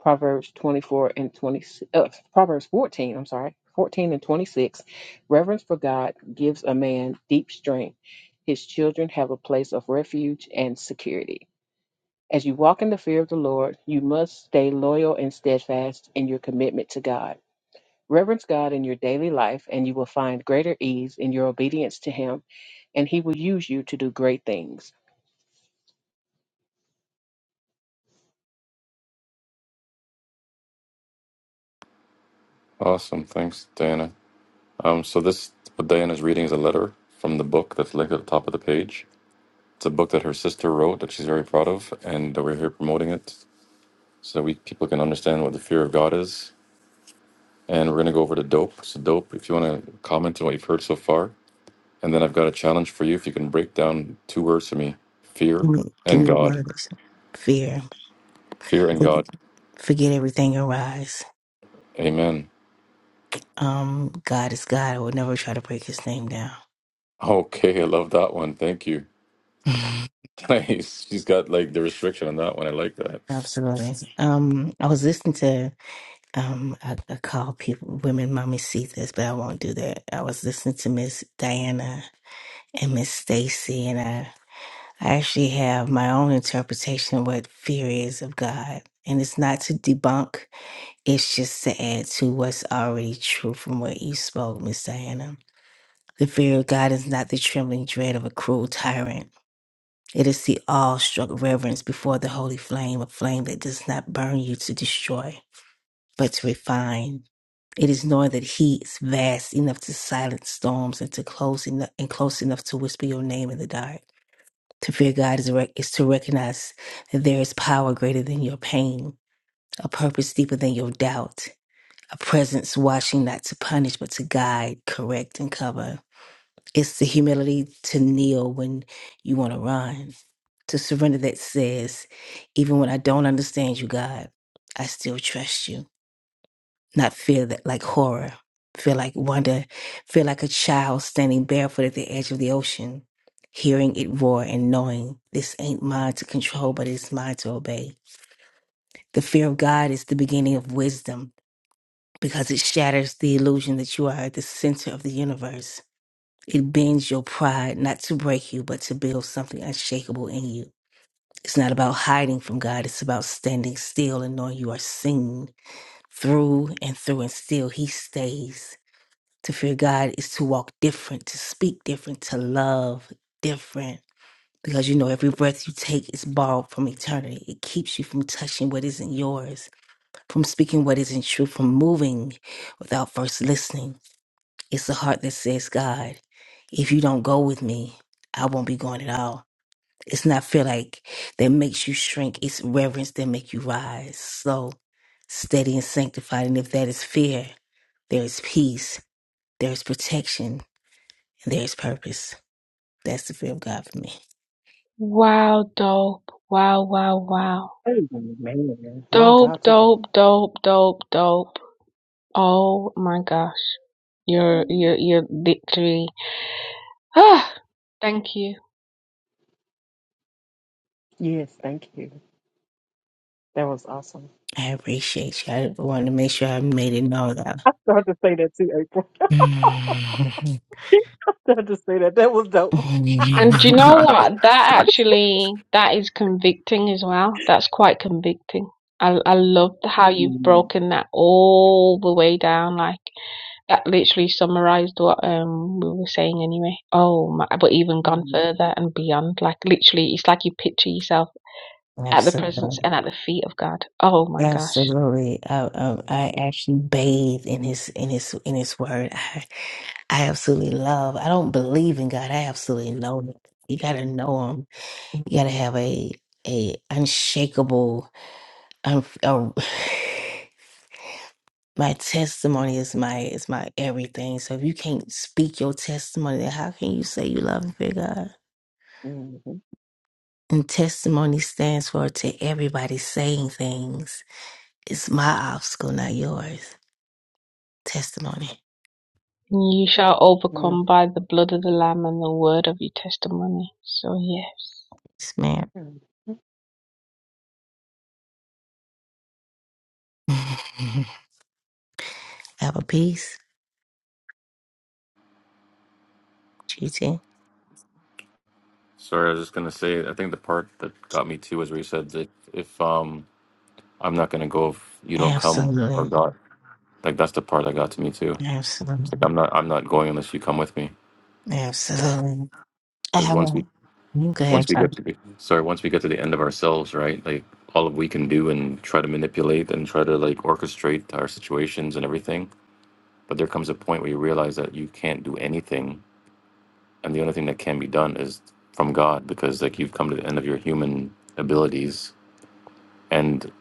Speaker 2: Proverbs 24 and 20, uh, Proverbs 14, I'm sorry, 14 and 26. Reverence for God gives a man deep strength. His children have a place of refuge and security. As you walk in the fear of the Lord, you must stay loyal and steadfast in your commitment to God. Reverence God in your daily life, and you will find greater ease in your obedience to Him, and He will use you to do great things.
Speaker 1: Awesome. Thanks, Diana. Um, so this, what Diana's reading is a letter from the book that's linked at the top of the page. It's a book that her sister wrote that she's very proud of, and we're here promoting it so we people can understand what the fear of God is. And we're going to go over to dope. So dope, if you want to comment on what you've heard so far. And then I've got a challenge for you. If you can break down two words for me, fear
Speaker 4: Give me, give
Speaker 1: and
Speaker 4: me the
Speaker 1: God.
Speaker 4: words. Fear.
Speaker 1: Fear in
Speaker 4: Forg-
Speaker 1: God.
Speaker 4: Forget everything and rise.
Speaker 1: Amen.
Speaker 4: Um, God is God. I would never try to break his name down.
Speaker 1: Okay, I love that one. Thank you.
Speaker 4: Mhm.
Speaker 1: Nice. She's got like the restriction on that one. I like that.
Speaker 4: Absolutely. Um, I was listening to um I, I call people women mommy see this, but I won't do that. I was listening to Miss Diana and Miss Stacy and I I actually have my own interpretation of what fear is of God. And it's not to debunk, it's just to add to what's already true from what you spoke, Miss Diana. The fear of God is not the trembling dread of a cruel tyrant. It is the awe-struck reverence before the holy flame, a flame that does not burn you to destroy, but to refine. It is knowing that He is vast enough to silence storms and to close enough and close enough to whisper your name in the dark. To fear God is, rec- is to recognize that there is power greater than your pain, a purpose deeper than your doubt, a presence watching not to punish but to guide, correct, and cover. It's the humility to kneel when you want to run, to surrender that says, even when I don't understand you, God, I still trust you. Not feel that like horror, feel like wonder, feel like a child standing barefoot at the edge of the ocean, hearing it roar and knowing this ain't mine to control, but it's mine to obey. The fear of God is the beginning of wisdom because it shatters the illusion that you are at the center of the universe it bends your pride, not to break you, but to build something unshakable in you. It's not about hiding from God, it's about standing still and knowing you are seen through and through, and still He stays. To fear God is to walk different, to speak different, to love different. Because you know, every breath you take is borrowed from eternity. It keeps you from touching what isn't yours, from speaking what isn't true, from moving without first listening. It's a heart that says, God, if you don't go with me, I won't be going at all. It's not feel like that makes you shrink. It's reverence that make you rise. So steady and sanctified. And if that is fear, there is peace, there is protection, and there is purpose. That's the fear of God for me.
Speaker 3: Wow, dope. Wow, wow, wow.
Speaker 2: Amen. My
Speaker 3: Dope,
Speaker 2: God, today.
Speaker 3: dope, dope, dope, dope. Oh my gosh. Your your your victory. Ah, thank you.
Speaker 2: Yes, thank you. That was awesome.
Speaker 4: I appreciate you. I wanted to make sure I made it known that.
Speaker 2: I started to say that too, April. I started to say that. That was dope.
Speaker 3: And do you know what? That actually that is convicting as well. That's quite convicting. I I loved how you've
Speaker 2: Mhm.
Speaker 3: broken that all the way down. Like that literally summarized what um we were saying anyway. Oh my, but even gone
Speaker 2: Mhm.
Speaker 3: further and beyond. Like literally, it's like you picture yourself at the
Speaker 4: Absolutely.
Speaker 3: presence and at the feet of God. Oh my gosh.
Speaker 4: Absolutely. I, um, I actually bathe in his in his in his word. I I absolutely love. I don't believe in God. I absolutely know him. You gotta know him. You gotta have a a unshakable un, uh, my testimony is my is my everything. So if you can't speak your testimony, then how can you say you love and fear God?
Speaker 2: Mhm.
Speaker 4: And testimony stands for to everybody saying things. It's my obstacle, not yours. Testimony.
Speaker 3: You shall overcome by the blood of the Lamb and the word of your testimony. So yes.
Speaker 4: Yes, ma'am.
Speaker 2: Mhm.
Speaker 4: Have a piece, GT.
Speaker 1: Sorry, I was just gonna say. I think the part that got me too was where you said that if um I'm not gonna go if you don't come or
Speaker 4: Absolutely.
Speaker 1: God. Like that's the part that got to me too. It's like
Speaker 4: Absolutely.
Speaker 1: I'm not I'm not going unless you come with me.
Speaker 4: Absolutely. I
Speaker 1: Because
Speaker 4: have
Speaker 1: once
Speaker 4: one.
Speaker 1: we
Speaker 4: You can
Speaker 1: once
Speaker 4: have
Speaker 1: we
Speaker 4: some.
Speaker 1: get to the sorry once we get to the end of ourselves, right? Like all we can do and try to manipulate and try to like orchestrate our situations and everything But there comes a point where you realize that you can't do anything, and the only thing that can be done is from God, because like you've come to the end of your human abilities, and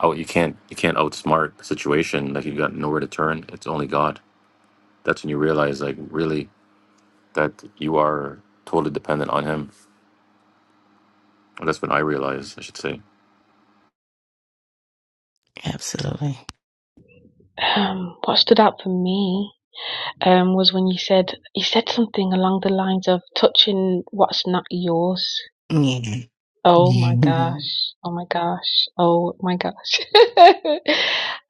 Speaker 1: oh, you can't you can't outsmart the situation. Like you've got nowhere to turn. It's only God. That's when you realize, like, really, that you are totally dependent on Him. And That's when I realized, I should say.
Speaker 4: Absolutely.
Speaker 3: Um, what stood out for me? um, was when you said you said something along the lines of touching what's not yours.
Speaker 4: Yeah.
Speaker 3: Oh my
Speaker 4: Mhm.
Speaker 3: gosh! Oh my gosh! Oh my gosh!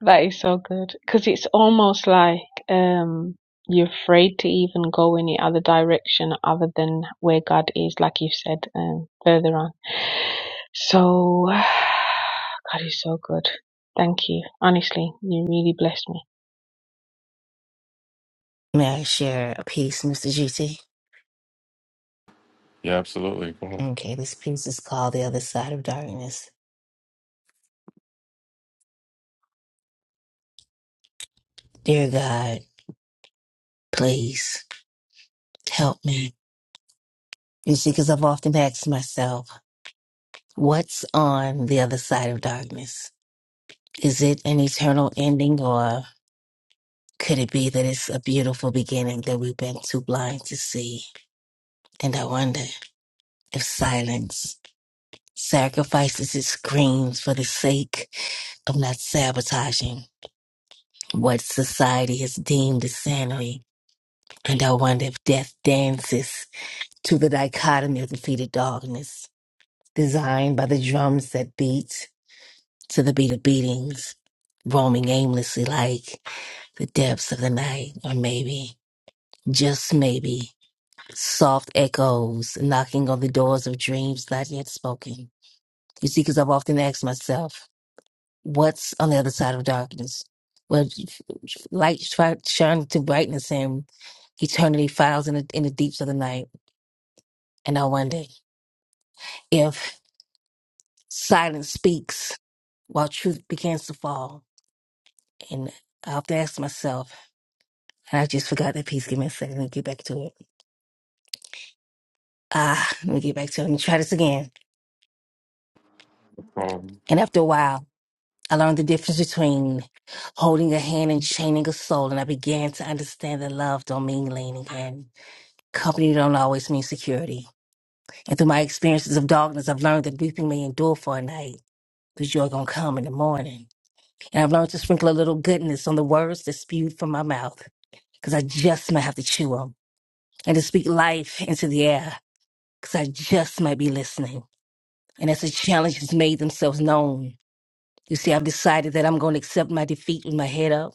Speaker 3: that is so good because it's almost like um, you're afraid to even go any other direction other than where God is, like you said um, further on. So God is so good. Thank you. Honestly, you really blessed me.
Speaker 4: May I share a piece, Mr. GT?
Speaker 1: Yeah, absolutely. Cool.
Speaker 4: Okay, this piece is called The Other Side of Darkness. Dear God, please help me. You see, because I've often asked myself, what's on the other side of darkness? Is it an eternal ending or Could it be that it's a beautiful beginning that we've been too blind to see? And I wonder if silence sacrifices its screams for the sake of not sabotaging what society has deemed as sanity. And I wonder if death dances to the dichotomy of defeated darkness, designed by the drums that beat to the beat of beatings, roaming aimlessly like the depths of the night, or maybe, just maybe, soft echoes knocking on the doors of dreams not yet spoken. You see, because I've often asked myself, what's on the other side of darkness? Well, light shi- shines to brightness and eternity files in the, in the deeps of the night. And I wonder if silence speaks while truth begins to fall. And I often ask myself, and I just forgot that piece. Give me a second. Let me get back to it. Ah, let me get back to it. Let me try this again.
Speaker 1: Um,
Speaker 4: And after a while, I learned the difference between holding a hand and chaining a soul, and I began to understand that love don't mean leaning and company don't always mean security. And through my experiences of darkness, I've learned that weeping may endure for a night, but joy gonna come in the morning. And I've learned to sprinkle a little goodness on the words that spewed from my mouth, because I just might have to chew 'em, and to speak life into the air, because I just might be listening. And as the challenges made themselves known, you see, I've decided that I'm going to accept my defeat with my head up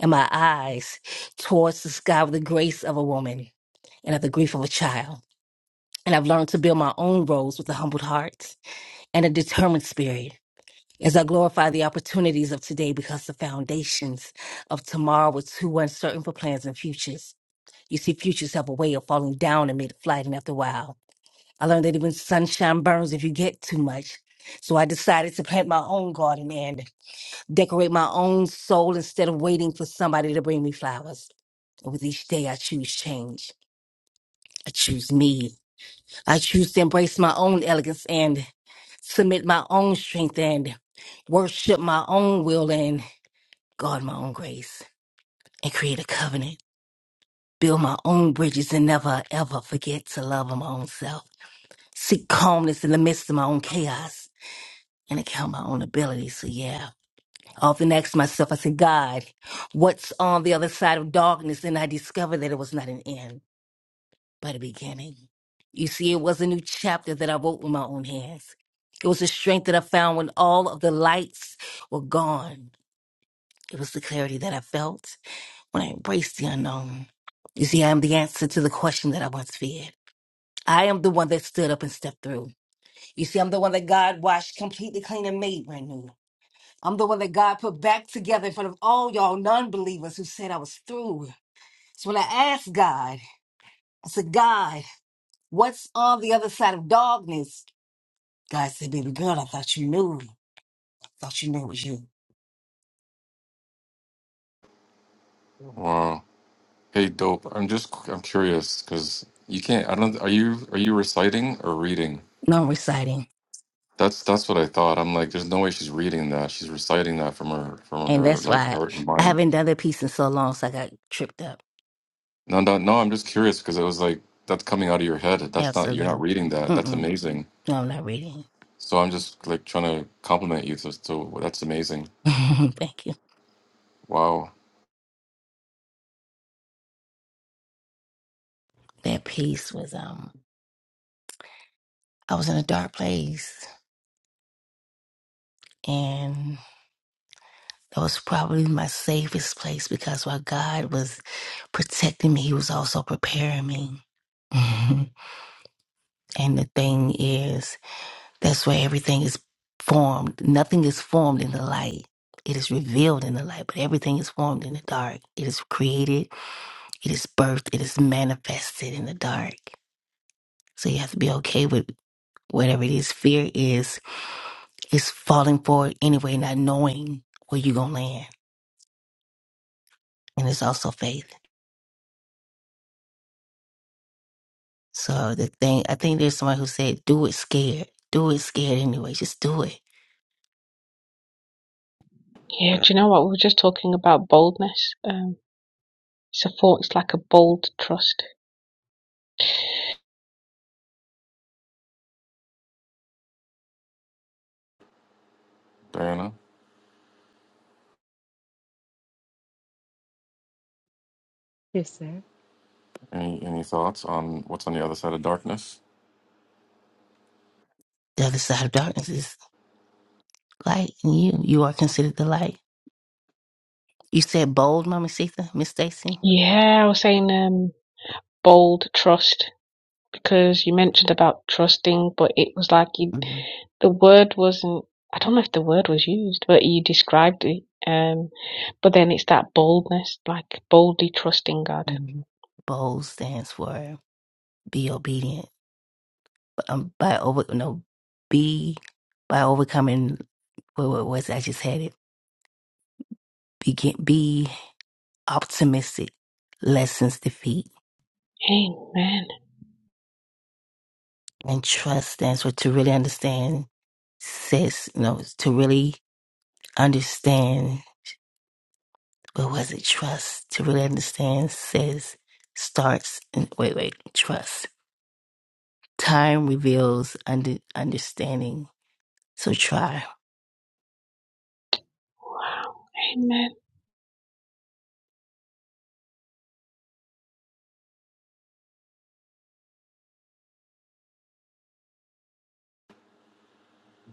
Speaker 4: and my eyes towards the sky with the grace of a woman and of the grief of a child. And I've learned to build my own roles with a humbled heart and a determined spirit as I glorify the opportunities of today because the foundations of tomorrow were too uncertain for plans and futures. You see, futures have a way of falling down amid flight, and after a while, I learned that even sunshine burns if you get too much. So I decided to plant my own garden decorate my own soul instead of waiting for somebody to bring me flowers. And with each day, I choose change. I choose me. I choose to embrace my own elegance and submit my own strength and worship my own will and guard my own grace and create a covenant. Build my own bridges and never ever forget to love my own self. Seek calmness in the midst of my own chaos and account my own abilities. So yeah, often asked myself, I said, God, what's on the other side of darkness? And I discovered that it was not an end, but a beginning. You see, it was a new chapter that I wrote with my own hands. It was the strength that I found when all of the lights were gone. It was the clarity that I felt when I embraced the unknown. You see, I am the answer to the question that I once feared. I am the one that stood up and stepped through. You see, I'm the one that God washed completely clean and made brand new. I'm the one that God put back together in front of all y'all non believers who said I was through. So when I asked God, I said, God, what's on the other side of darkness? God said, Baby girl, I thought you knew. thought you knew it was you.
Speaker 1: wow. Hey, dope. I'm just I'm curious because you can't. I don't. Are you are you reciting or reading?
Speaker 4: No, I'm reciting.
Speaker 1: That's that's what I thought. I'm like, there's no way she's reading that. She's reciting that from her from
Speaker 4: And
Speaker 1: her
Speaker 4: that's
Speaker 1: like
Speaker 4: why
Speaker 1: heart and
Speaker 4: I
Speaker 1: mind.
Speaker 4: haven't done that piece in so long, so I got tripped up.
Speaker 1: No, no, no. I'm just curious because it was like that's coming out of your head. That's not you're not
Speaker 4: Absolutely.
Speaker 1: reading that. That's
Speaker 4: Mm-mm.
Speaker 1: amazing.
Speaker 4: No, I'm not reading.
Speaker 1: So I'm just like trying to compliment you. So, so that's amazing.
Speaker 4: Thank you.
Speaker 1: Wow,
Speaker 4: That piece was, um, I was in a dark place. and. That was probably my safest place because while God was protecting me, He was also preparing me. Mhm. And the thing is, that's where everything is formed. Nothing is formed in the light. It is revealed in the light, but everything is formed in the dark. It is created, it is birthed, it is manifested in the dark. So you have to be okay with whatever it is. Fear is, is falling forward anyway, not knowing where you're going to land. And it's also faith. So the thing, I think there's somebody who said, do it scared. Do it scared anyway. Just do it.
Speaker 3: Yeah, do you know what? We were just talking about boldness. Um, So thought it's like a bold trust.
Speaker 1: Diana.
Speaker 2: Yes, sir.
Speaker 1: Any any thoughts on what's on the other side of darkness,
Speaker 4: The other side of darkness is light and you. You are considered the light. You said bold, Mama Sita, Miss Stacy?
Speaker 3: Yeah, I was saying um bold trust because you mentioned about trusting, but it was like you,
Speaker 4: hmm
Speaker 3: the word wasn't. I don't know if the word was used, but you described it. Um, but then it's that boldness, like boldly trusting God.
Speaker 4: hmm Bold stands for be obedient. Um, by over, no, be, by overcoming, what, what was it? I just had it. Begin, be optimistic, lessens defeat.
Speaker 3: Amen.
Speaker 4: And trust stands for to really understand, says, you know, to really understand, but was it trust? To really understand says starts and wait, wait, trust. Time reveals under, understanding. So try
Speaker 3: Wow. Amen.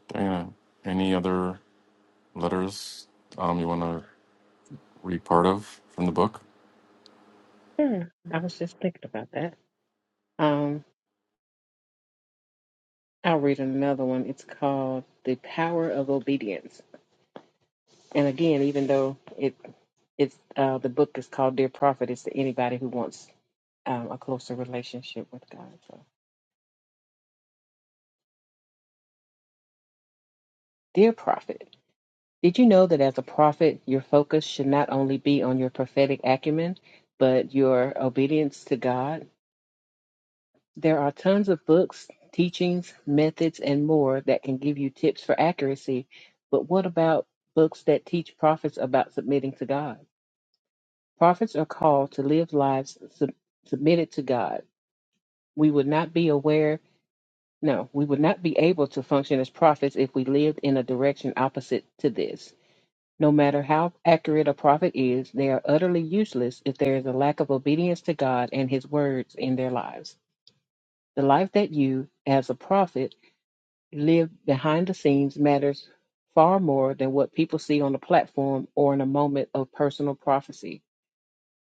Speaker 1: Diana? Any other letters um you want to read part of from the book?
Speaker 2: Yeah, I was just thinking about that. I'll read another one. It's called The Power of Obedience. And again, even though it it's uh, the book is called Dear Prophet, it's to anybody who wants um, a closer relationship with God. So, Dear Prophet, did you know that as a prophet, your focus should not only be on your prophetic acumen, but your obedience to God? There are tons of books, teachings, methods, and more that can give you tips for accuracy. But what about books that teach prophets about submitting to God? Prophets are called to live lives sub- submitted to God. We would not be aware, no, we would not be able to function as prophets if we lived in a direction opposite to this. No matter how accurate a prophet is, they are utterly useless if there is a lack of obedience to God and His words in their lives. The life that you, as a prophet, live behind the scenes matters far more than what people see on the platform or in a moment of personal prophecy.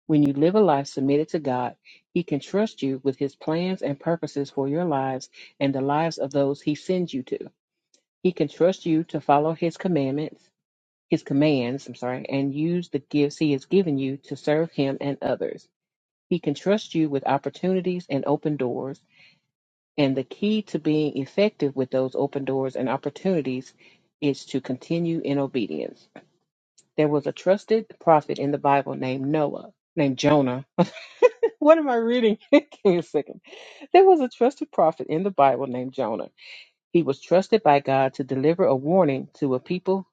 Speaker 2: When you live a life submitted to God, He can trust you with His plans and purposes for your lives and the lives of those He sends you to. He can trust you to follow His commandments, His commands, I'm sorry, and use the gifts He has given you to serve Him and others. He can trust you with opportunities and open doors. And the key to being effective with those open doors and opportunities is to continue in obedience. There was a trusted prophet in the Bible named Noah, named Jonah What am I reading? Give me a second. There was a trusted prophet in the Bible named Jonah. He was trusted by God to deliver a warning to a people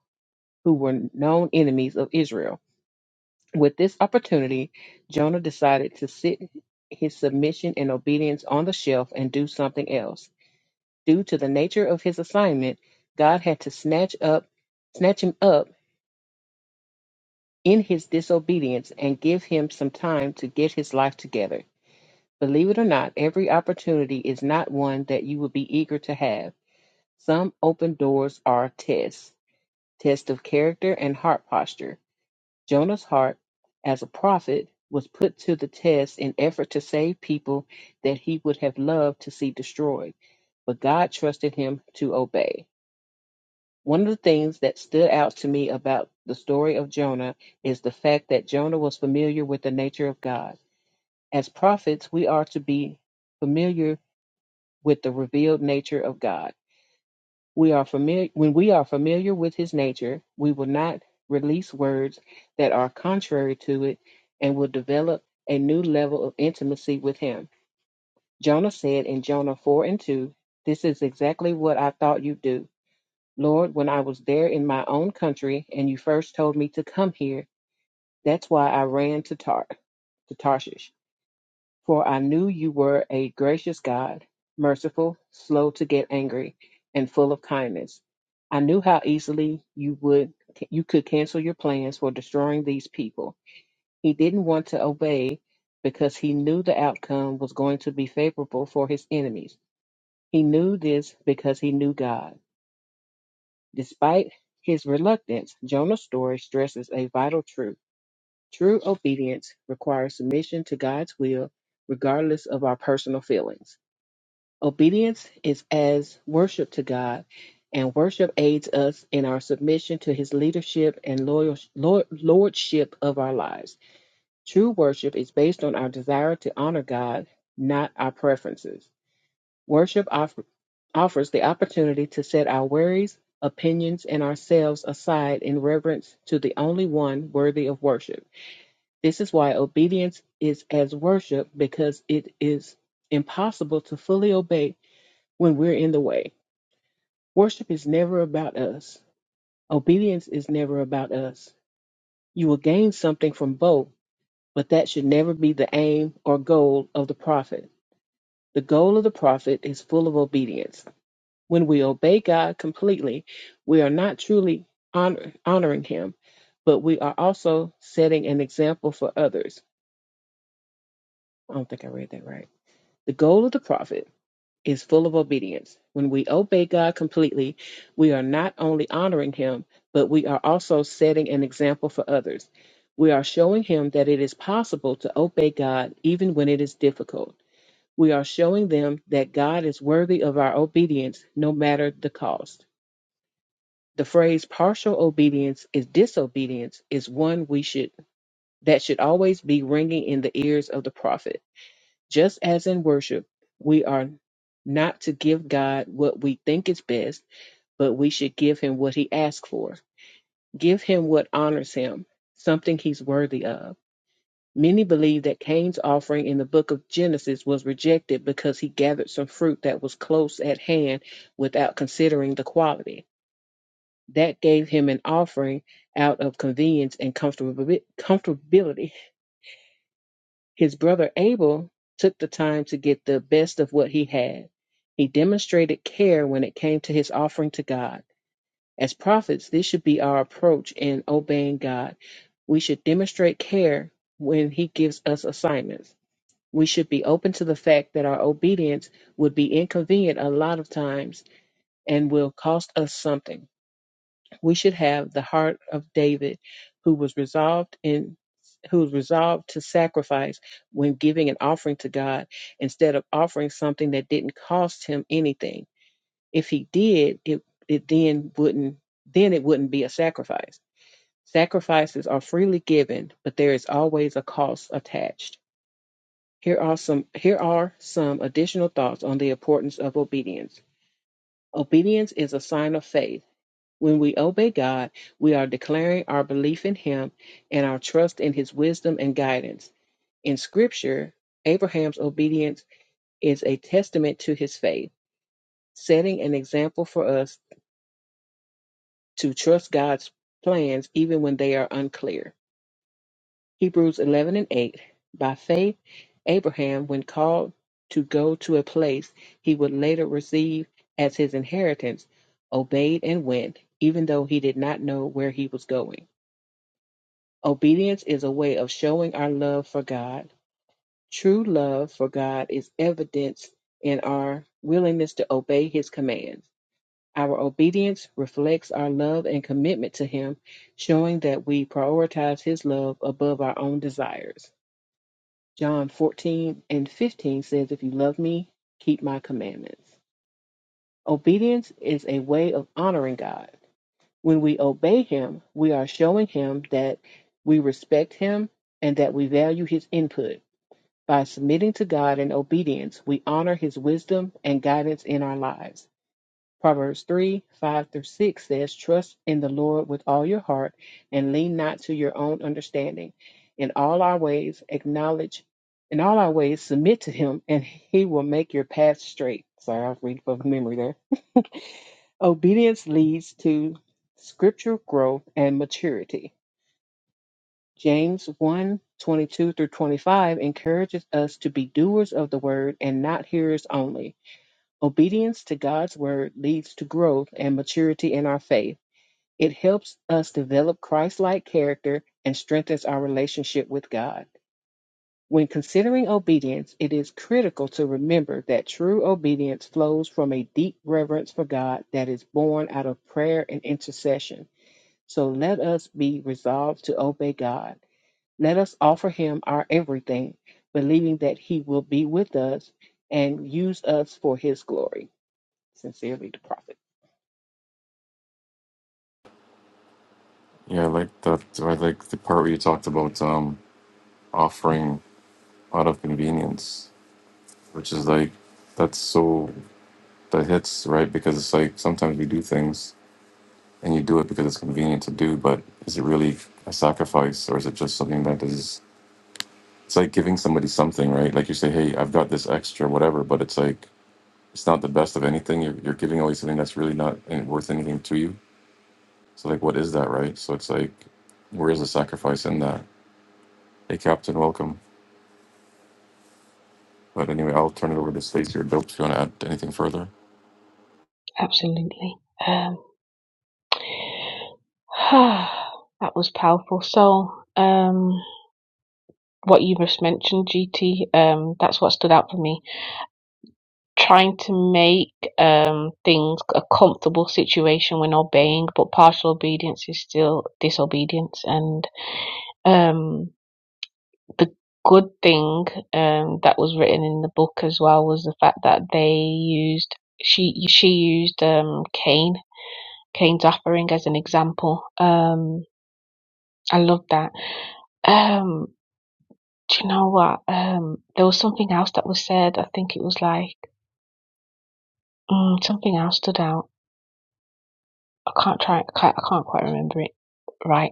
Speaker 2: who were known enemies of Israel. With this opportunity, Jonah decided to sit his submission and obedience on the shelf and do something else. Due to the nature of his assignment, God had to snatch up snatch him up in his disobedience and give him some time to get his life together. Believe it or not, every opportunity is not one that you would be eager to have. Some open doors are tests, tests of character and heart posture. Jonah's heart, as a prophet, was put to the test in effort to save people that he would have loved to see destroyed, but God trusted him to obey. One of the things that stood out to me about the story of Jonah is the fact that Jonah was familiar with the nature of God. As prophets, we are to be familiar with the revealed nature of God. We are familiar when we are familiar with his nature, we will not release words that are contrary to it and will develop a new level of intimacy with him. Jonah said in Jonah 4 and 2, This is exactly what I thought you'd do. Lord, when I was there in my own country and you first told me to come here, that's why I ran to Tar to Tarshish. For I knew you were a gracious God, merciful, slow to get angry, and full of kindness. I knew how easily you would you could cancel your plans for destroying these people. He didn't want to obey because he knew the outcome was going to be favorable for his enemies. He knew this because he knew God. Despite his reluctance, Jonah's story stresses a vital truth. True obedience requires submission to God's will, regardless of our personal feelings. Obedience is as worship to God, and worship aids us in our submission to his leadership and loyal, lord, lordship of our lives. True worship is based on our desire to honor God, not our preferences. Worship offer, offers the opportunity to set our worries, opinions, and ourselves aside in reverence to the only one worthy of worship. This is why obedience is as worship because it is impossible to fully obey when we're in the way. Worship is never about us. Obedience is never about us. You will gain something from both, but that should never be the aim or goal of the prophet. The goal of the prophet is full of obedience. When we obey God completely, we are not truly honor, honoring Him, but we are also setting an example for others. I don't think I read that right. The goal of the prophet is full of obedience. When we obey God completely, we are not only honoring Him, but we are also setting an example for others. We are showing Him that it is possible to obey God even when it is difficult. We are showing them that God is worthy of our obedience no matter the cost. The phrase partial obedience is disobedience is one we should that should always be ringing in the ears of the prophet. Just as in worship, we are not to give God what we think is best, but we should give him what he asks for. Give him what honors him, something he's worthy of. Many believe that Cain's offering in the book of Genesis was rejected because he gathered some fruit that was close at hand without considering the quality. That gave him an offering out of convenience and comfortabi- comfortability His brother Abel took the time to get the best of what he had. He demonstrated care when it came to his offering to God. As prophets, this should be our approach in obeying God. We should demonstrate care when he gives us assignments. We should be open to the fact that our obedience would be inconvenient a lot of times and will cost us something we should have the heart of David, who was resolved in who was resolved to sacrifice when giving an offering to God instead of offering something that didn't cost him anything. If he did, it it then wouldn't then it wouldn't be a sacrifice. Sacrifices are freely given, but there is always a cost attached. Here are some here are some additional thoughts on the importance of obedience. Obedience is a sign of faith when we obey God, we are declaring our belief in Him and our trust in His wisdom and guidance. In Scripture, Abraham's obedience is a testament to his faith, setting an example for us to trust God's plans even when they are unclear. Hebrews 11 and 8 By faith, Abraham, when called to go to a place he would later receive as his inheritance, obeyed and went, even though he did not know where he was going. Obedience is a way of showing our love for God. True love for God is evidenced in our willingness to obey His commands. Our obedience reflects our love and commitment to Him, showing that we prioritize His love above our own desires. John 14 and 15 says, If you love me, keep my commandments. Obedience is a way of honoring God. When we obey him, we are showing him that we respect him and that we value his input. By submitting to God in obedience, we honor his wisdom and guidance in our lives. Proverbs 3 5 through 6 says, Trust in the Lord with all your heart and lean not to your own understanding. In all our ways, acknowledge, in all our ways, submit to him, and he will make your path straight. Sorry, I was reading from memory there. Obedience leads to scriptural growth and maturity. James one 22 through 25 encourages us to be doers of the word and not hearers only. Obedience to God's word leads to growth and maturity in our faith. It helps us develop Christ like character and strengthens our relationship with God. When considering obedience, it is critical to remember that true obedience flows from a deep reverence for God that is born out of prayer and intercession. So let us be resolved to obey God. Let us offer Him our everything, believing that He will be with us and use us for His glory. Sincerely, the prophet.
Speaker 1: Yeah, I like that. I like the part where you talked about um offering out of convenience which is like that's so that hits right because it's like sometimes we do things and you do it because it's convenient to do but is it really a sacrifice or is it just something that is it's like giving somebody something right like you say hey i've got this extra whatever but it's like it's not the best of anything you're, you're giving away something that's really not in- worth anything to you so like what is that right so it's like where is the sacrifice in that hey captain welcome but anyway i'll turn it over to Stacey or dope if you want to add anything further
Speaker 3: Absolutely. Um, that was powerful. So, um, what you just mentioned, GT, um, that's what stood out for me trying to make um, things a comfortable situation when obeying, but partial obedience is still disobedience. And um, the good thing um, that was written in the book as well was the fact that they used she she used um, Cain Cain's offering as an example. Um, I love that. Um, do you know what? Um, there was something else that was said. I think it was like mm, something else stood out I can't try. I can't, I can't quite remember it right.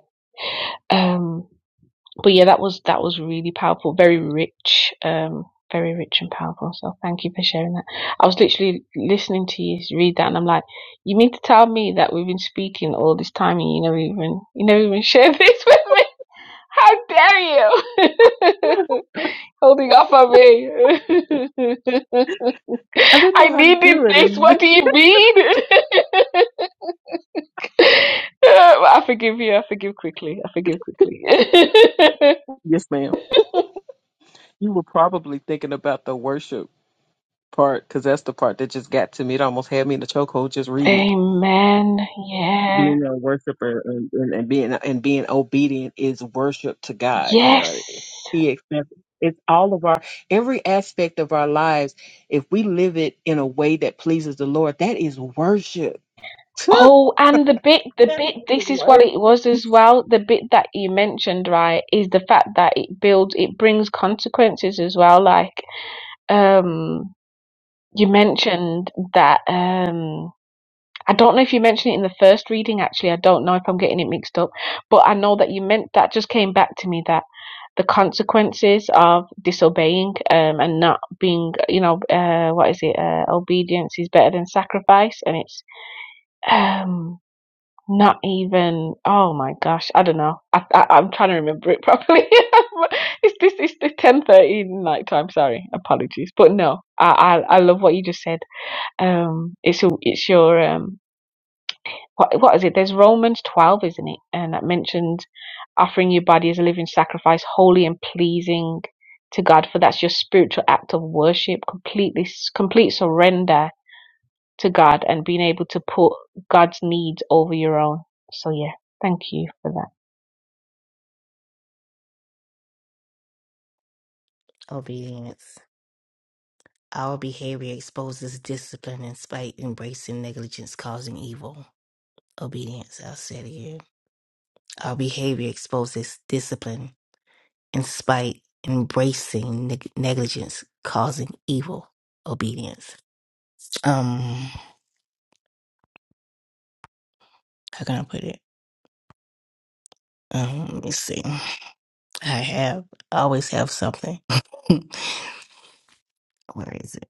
Speaker 3: Um, but yeah, that was that was really powerful, very rich, um, very rich and powerful. So thank you for sharing that. I was literally listening to you read that, and I'm like, you mean to tell me that we've been speaking all this time, and you never even you never even shared this with me? How dare you? Holding off on me.
Speaker 2: I didn't
Speaker 3: I
Speaker 2: know how to
Speaker 3: needed
Speaker 2: do it.
Speaker 3: this.
Speaker 2: And
Speaker 3: What do you mean? I forgive you. I forgive quickly. I forgive quickly.
Speaker 2: yes, ma'am. You were probably thinking about the worship part because that's the part that just got to me. It almost had me in the chokehold just reading it.
Speaker 3: Amen. Yeah.
Speaker 2: being a worshiper and, and, and being and being obedient is worship to God. You
Speaker 3: Yes.
Speaker 2: know, He accepts. It's all of our every aspect of our lives. If we live it in a way that pleases the Lord, that is worship. that
Speaker 3: Oh, and the bit, the
Speaker 2: is
Speaker 3: bit, this is what it
Speaker 2: worship.
Speaker 3: was as well. The bit that you mentioned, right, is the fact that it builds, it brings consequences as well. Like, um, you mentioned that, um, I don't know if you mentioned it in the first reading, actually. I don't know if I'm getting it mixed up, but I know that you meant that just came back to me that the consequences of disobeying um, and not being, you know, uh, what is it? Uh, obedience is better than sacrifice, and it's um, not even. Oh my gosh, I don't know. I, I, I'm trying to remember it properly. it's this. It's the ten thirty night time. Sorry, apologies, but no, I, I I love what you just said. Um, it's it's your um what what is it? There's Romans twelve, isn't it? And that mentions offering your body as a living sacrifice, holy and pleasing to God, for that's your spiritual act of worship, completely complete surrender to God and being able to put God's needs over your own. So yeah, thank you for that.
Speaker 4: obedience. Our behavior exposes discipline and spite, embracing negligence causing evil. Obedience, I'll say it again. Our behavior exposes discipline and spite, embracing neg- negligence causing evil. Obedience. Um, how can I put it? Um, let me see. I have. I always have something. Where is it?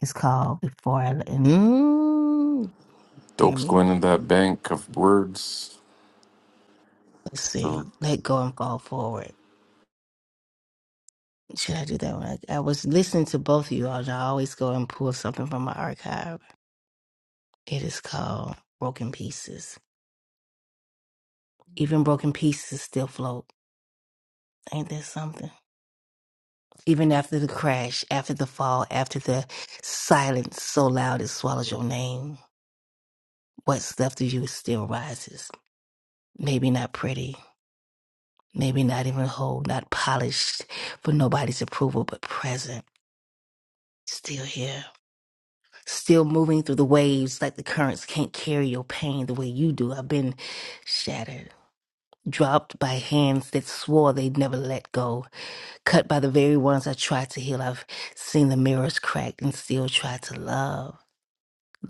Speaker 4: It's called Before I Let mm, Dear
Speaker 1: dope's going
Speaker 4: Me.
Speaker 1: in that bank of words
Speaker 4: Let's
Speaker 1: So
Speaker 4: see. Let go and fall forward. Should I do that one? I, I was listening to both of you all, and I always go and pull something from my archive. It is called Broken Pieces. Even broken pieces still float. Ain't that something? Even after the crash, after the fall, after the silence so loud it swallows your name, what's left of you still rises. Maybe not pretty, maybe not even whole, not polished for nobody's approval, but present, still here. Still moving through the waves like the currents can't carry your pain the way you do. I've been shattered, dropped by hands that swore they'd never let go, cut by the very ones I tried to heal. I've seen the mirrors cracked and still tried to love.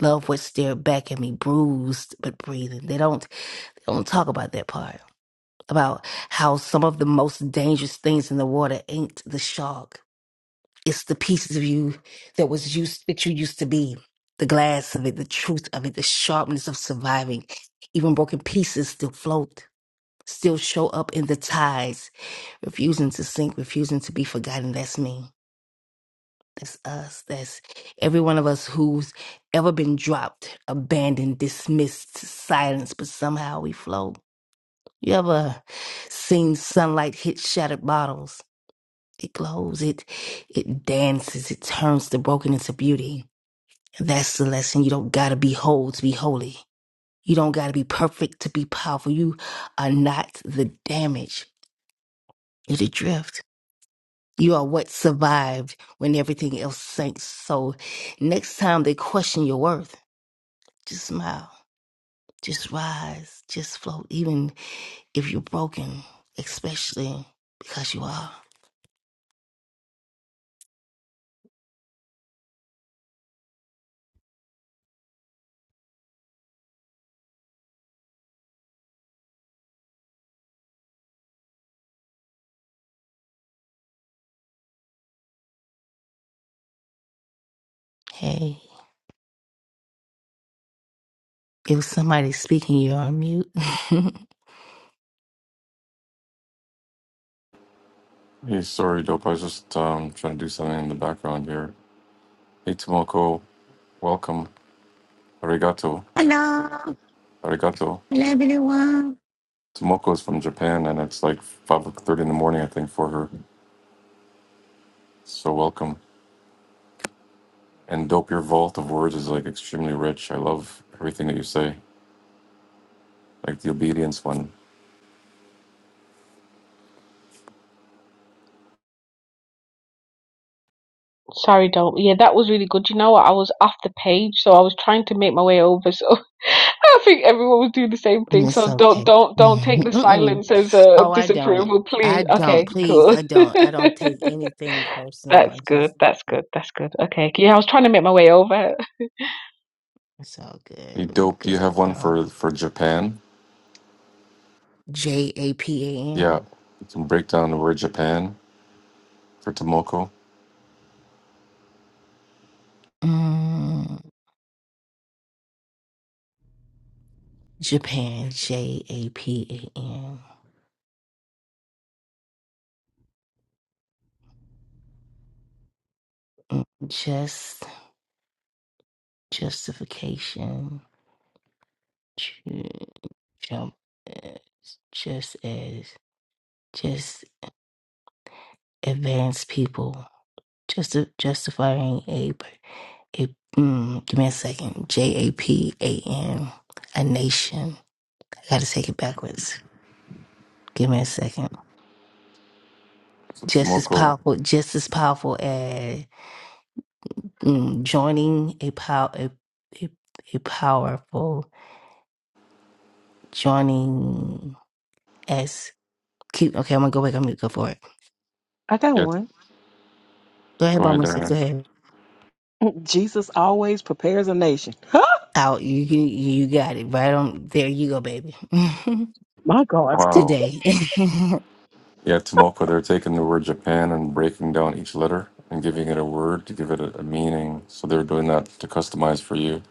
Speaker 4: Love what stared back at me, bruised but breathing. They don't they don't talk about that part. about how some of the most dangerous things in the water ain't the shark. It's the pieces of you that was used that you used to be. The glass of it, the truth of it, the sharpness of surviving. Even broken pieces still float, still show up in the tides, refusing to sink, refusing to be forgotten. That's me. That's us. That's every one of us who's ever been dropped, abandoned, dismissed, silenced, but somehow we float you ever seen sunlight hit shattered bottles? It glows, it it dances, it turns the broken into beauty. That's the lesson. You don't gotta be whole to be holy. You don't gotta be perfect to be powerful. You are not the damage. You're the drift. You are what survived when everything else sank. So next time they question your worth, just smile. Just rise. Just float. Even if you're broken, especially because you are. Hey. If somebody's speaking, you're on mute.
Speaker 1: Hey, sorry, Dope. I was just um, trying to do something in the background here. Hey, Tomoko, welcome. Arigato.
Speaker 5: Hello,
Speaker 1: Arigato.
Speaker 5: hello everyone.
Speaker 1: Tomoko is from Japan, and it's like 5.30 in the morning, I think, for her. So welcome. And Dope, your vault of words is like extremely rich. I love everything that you say, like the obedience one.
Speaker 3: Sorry, don't. Yeah, that was really good. You know what? I was off the page, so I was trying to make my way over. So I think everyone was doing the same
Speaker 4: And
Speaker 3: thing.
Speaker 4: it's
Speaker 3: So don't,
Speaker 4: okay.
Speaker 3: don't, don't
Speaker 4: Mhm.
Speaker 3: take the
Speaker 4: Mm-mm.
Speaker 3: silence as a
Speaker 4: Oh, I don't.
Speaker 3: disapproval,
Speaker 4: I
Speaker 3: please.
Speaker 4: don't.
Speaker 3: Okay,
Speaker 4: Please,
Speaker 3: cool.
Speaker 4: I don't. I don't take anything personal.
Speaker 3: That's
Speaker 4: I
Speaker 3: good.
Speaker 4: just,
Speaker 3: That's good. That's good. Okay. Yeah, I was trying to make my way over.
Speaker 4: it's all good.
Speaker 1: Hey,
Speaker 4: I'm
Speaker 1: Dope, do you
Speaker 4: good.
Speaker 1: have one for,
Speaker 4: Um,
Speaker 1: for Japan?
Speaker 4: J A P A
Speaker 1: Yeah,
Speaker 4: N.
Speaker 1: you can break down the word Japan for Tomoko.
Speaker 4: Mm, Japan. J A P A N. Mm, Just justification. Ju- Jump. eh, Just as. Just advanced people. Just justifying a. It, mm, give me a second. J A P A N, a nation. I gotta take it backwards. Give me a second.
Speaker 1: So
Speaker 4: Just as
Speaker 1: Tomoko,
Speaker 4: powerful, just as powerful as mm, joining a power, a, a, a powerful joining as. Keep okay. I'm gonna go back. I'm gonna go for it.
Speaker 2: I got
Speaker 1: yeah,
Speaker 2: one.
Speaker 4: Go ahead,
Speaker 1: go ahead,
Speaker 4: Mama. Go
Speaker 1: Diane.
Speaker 4: ahead.
Speaker 2: Jesus always prepares a nation.
Speaker 4: Out. You you you got it right on. There you go, baby.
Speaker 2: My God.
Speaker 1: Wow.
Speaker 4: Today.
Speaker 1: Yeah, Tomoko, they're taking the word Japan and breaking down each letter and giving it a word to give it a, a meaning. So they're doing that to customize for you.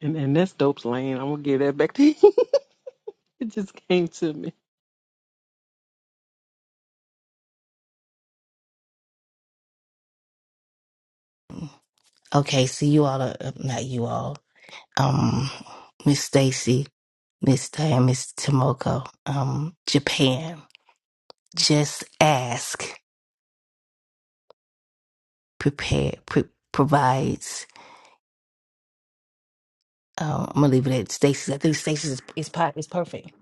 Speaker 2: And, and that's dope's lane. I'm gonna give that back to you. It just came to me.
Speaker 4: okay. See you all. Uh, not you all. um, Miss Stacy, Miss Diane, Miss Tomoko, um, Japan. Just ask, prepare, pre- provides. Um, I'm gonna leave it at Stacy's. I think Stacy's is, is, po- is perfect.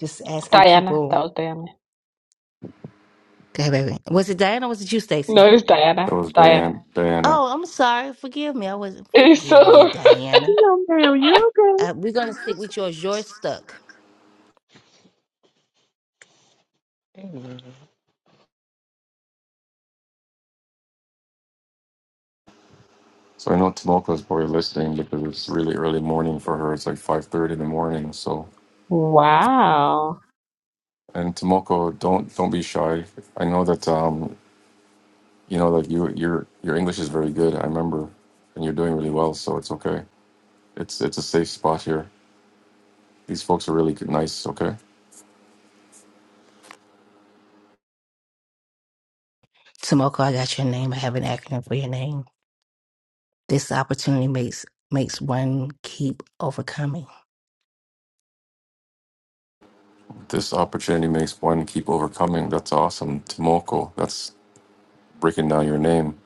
Speaker 4: Just asking
Speaker 3: Diana. That
Speaker 4: people.
Speaker 3: was Diana.
Speaker 4: to have Was it Diana? or Was it you,
Speaker 3: No,
Speaker 4: Stacy?
Speaker 3: it was
Speaker 1: That
Speaker 3: Diana.
Speaker 1: was
Speaker 3: Diana.
Speaker 1: Diane, Diana.
Speaker 4: Oh, I'm sorry. Forgive me. I wasn't. Forgive me,
Speaker 3: So
Speaker 4: Diana.
Speaker 2: No, ma'am, you're
Speaker 4: Uh,
Speaker 2: okay.
Speaker 4: we're gonna stick with yours. Yours stuck.
Speaker 2: Amen.
Speaker 1: So I know Tomoko is probably listening because it's really early morning for her. It's like five thirty in the morning. So
Speaker 3: wow.
Speaker 1: and Tomoko, don't don't be shy. I know that um you know that you your your English is very good. I remember, and you're doing really well. So it's okay. It's it's a safe spot here. These folks are really good, nice. Okay.
Speaker 4: Tomoko, I got your name. I have an acronym for your name. This opportunity makes makes one keep overcoming.
Speaker 1: This opportunity makes one keep overcoming. That's awesome. Tomoko, that's breaking down your name.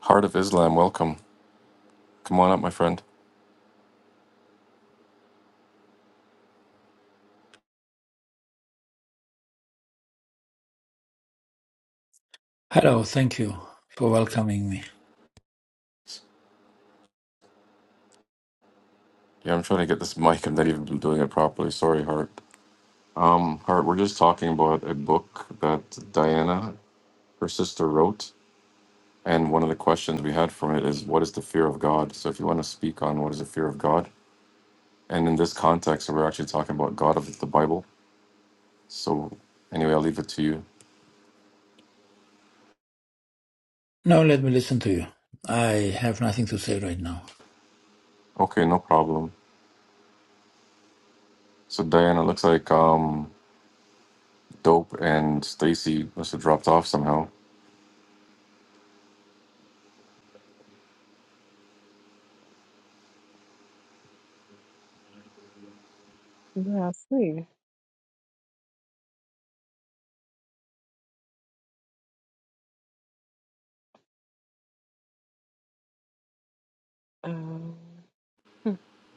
Speaker 1: Heart of Islam, welcome. Come on up, my friend.
Speaker 6: Hello, thank you for welcoming me.
Speaker 1: Yeah, I'm trying to get this mic. I'm not even doing it properly. Sorry, Hart. Um, Hart, we're just talking about a book that Diana, her sister, wrote. And one of the questions we had from it is, what is the fear of God? So if you want to speak on what is the fear of God, and in this context, we're actually talking about God of the Bible. So anyway, I'll leave it to you.
Speaker 6: Now let me listen to you. I have nothing to say right now.
Speaker 1: Okay, no problem. So Diana, looks like um, Dope and Stacy must have dropped off somehow.
Speaker 2: Yeah, I see.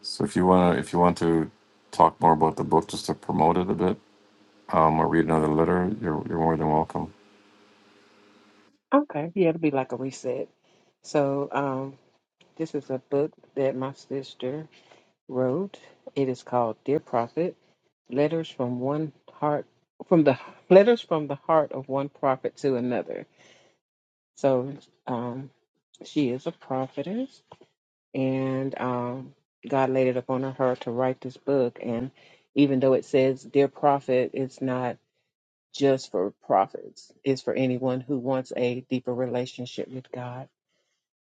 Speaker 1: So if you wanna, if you want to talk more about the book, just to promote it a bit, um, or read another letter, you're you're more than welcome.
Speaker 2: Okay, yeah, it'll be like a reset. So, um, this is a book that my sister wrote. It is called Dear Prophet: Letters from One Heart from the Letters from the Heart of One Prophet to Another. So, um, she is a prophetess, and um, God laid it upon her to write this book. And even though it says "Dear Prophet," it's not just for prophets. It's for anyone who wants a deeper relationship with God.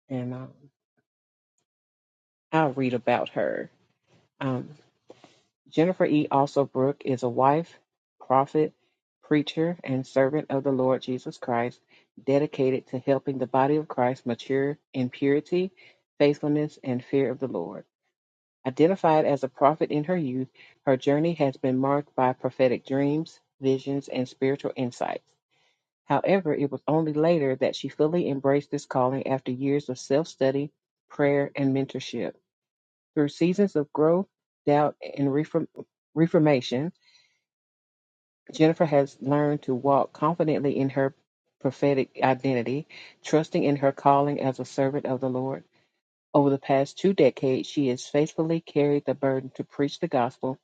Speaker 2: and um, I'll read about her. Um, Jennifer E. Also Brooke is a wife, prophet, preacher, and servant of the Lord Jesus Christ, dedicated to helping the body of Christ mature in purity, faithfulness, and fear of the Lord. Identified as a prophet in her youth, her journey has been marked by prophetic dreams, visions, and spiritual insights. However, it was only later that she fully embraced this calling after years of self study, prayer, and mentorship. Through seasons of growth, doubt, and reform- reformation, Jennifer has learned to walk confidently in her prophetic identity, trusting in her calling as a servant of the Lord. Over the past two decades, she has faithfully carried the burden to preach the gospel,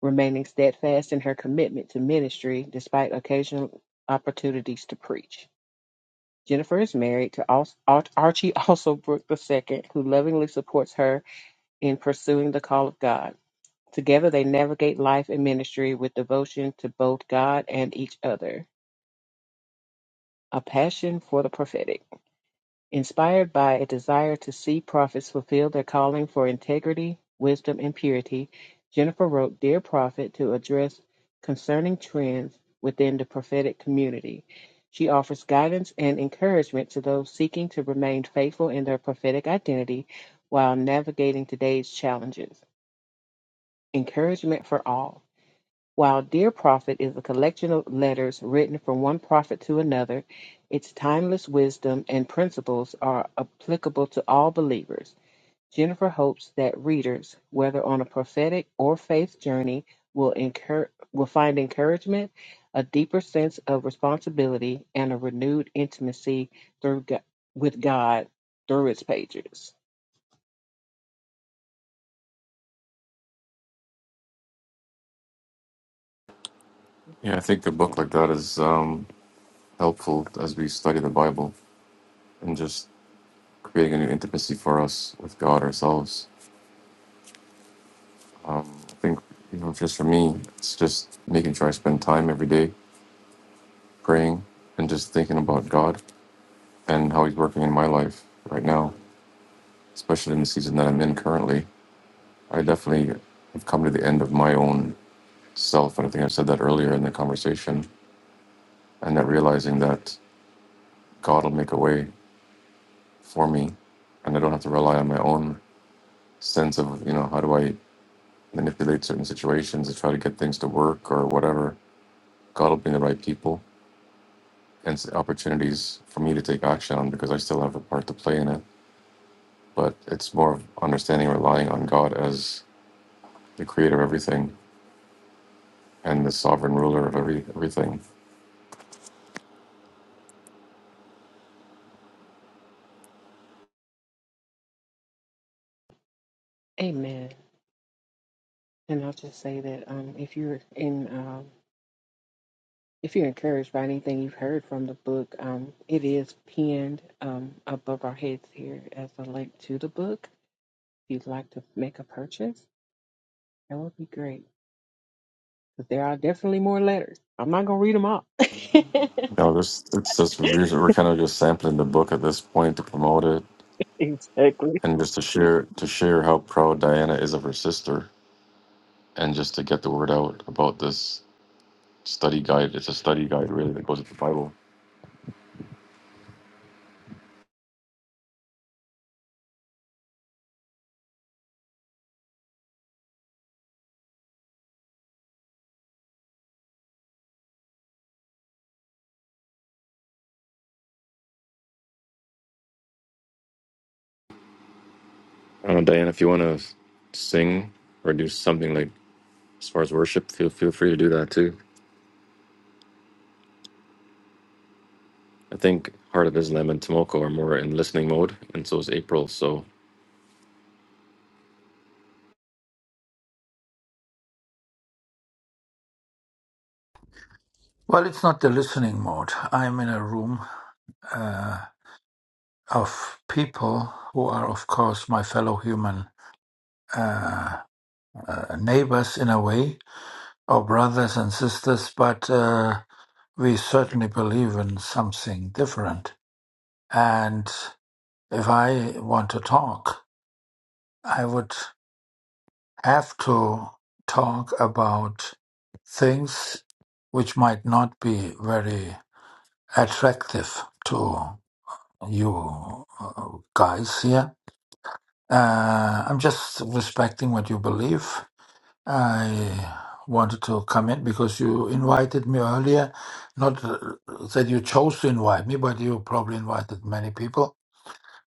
Speaker 2: remaining steadfast in her commitment to ministry despite occasional opportunities to preach. Jennifer is married to Al- Ar- Archie Also Brook II, who lovingly supports her in pursuing the call of God. Together they navigate life and ministry with devotion to both God and each other, a passion for the prophetic. Inspired by a desire to see prophets fulfill their calling for integrity, wisdom, and purity, Jennifer wrote Dear Prophet to address concerning trends within the prophetic community. She offers guidance and encouragement to those seeking to remain faithful in their prophetic identity while navigating today's challenges. Encouragement for all. While Dear Prophet is a collection of letters written from one prophet to another, its timeless wisdom and principles are applicable to all believers. Jennifer hopes that readers, whether on a prophetic or faith journey, will, encour- will find encouragement, a deeper sense of responsibility, and a renewed intimacy through Go- with God through its pages.
Speaker 1: Yeah, I think a book like that is um, helpful as we study the Bible and just creating a new intimacy for us with God ourselves. I think you know, just for me, it's just making sure I spend time every day praying and just thinking about God and how He's working in my life right now, especially in the season that I'm in currently I definitely have come to the end of my own self. And I think I said that earlier in the conversation. And that realizing that God will make a way for me. And I don't have to rely on my own sense of, you know, how do I manipulate certain situations to try to get things to work or whatever. God will bring the right people and s- opportunities for me to take action on because I still have a part to play in it. But it's more of understanding, relying on God as the creator of everything and the sovereign ruler of every, everything
Speaker 2: Amen. And I'll just say that um, if you're in, um, if you're encouraged by anything you've heard from the book, um, it is pinned um, above our heads here as a link to the book. If you'd like to make a purchase, that would be great. Because there are definitely more letters. I'm not gonna read them all.
Speaker 1: No, this it's just reviews. We're kind of just sampling the book at this point to promote it,
Speaker 2: Exactly.
Speaker 1: and just to share to share how proud Diana is of her sister, and just to get the word out about this study guide. It's a study guide, really, that goes with the Bible. Uh, Diana, if you want to sing or do something like as far as worship, feel feel free to do that too. I think Heart of Islam and Tomoko are more in listening mode, and so is April. So
Speaker 6: Well, it's not the listening mode. I'm in a room uh, of people who are, of course, my fellow human uh, uh, neighbors in a way, or brothers and sisters, but uh, we certainly believe in something different. And if I want to talk, I would. have to talk about things which might not be very attractive to you uh, guys here. Uh, I'm just respecting what you believe. I wanted to come in because you invited me earlier. Not uh, that you chose to invite me, but you probably invited many people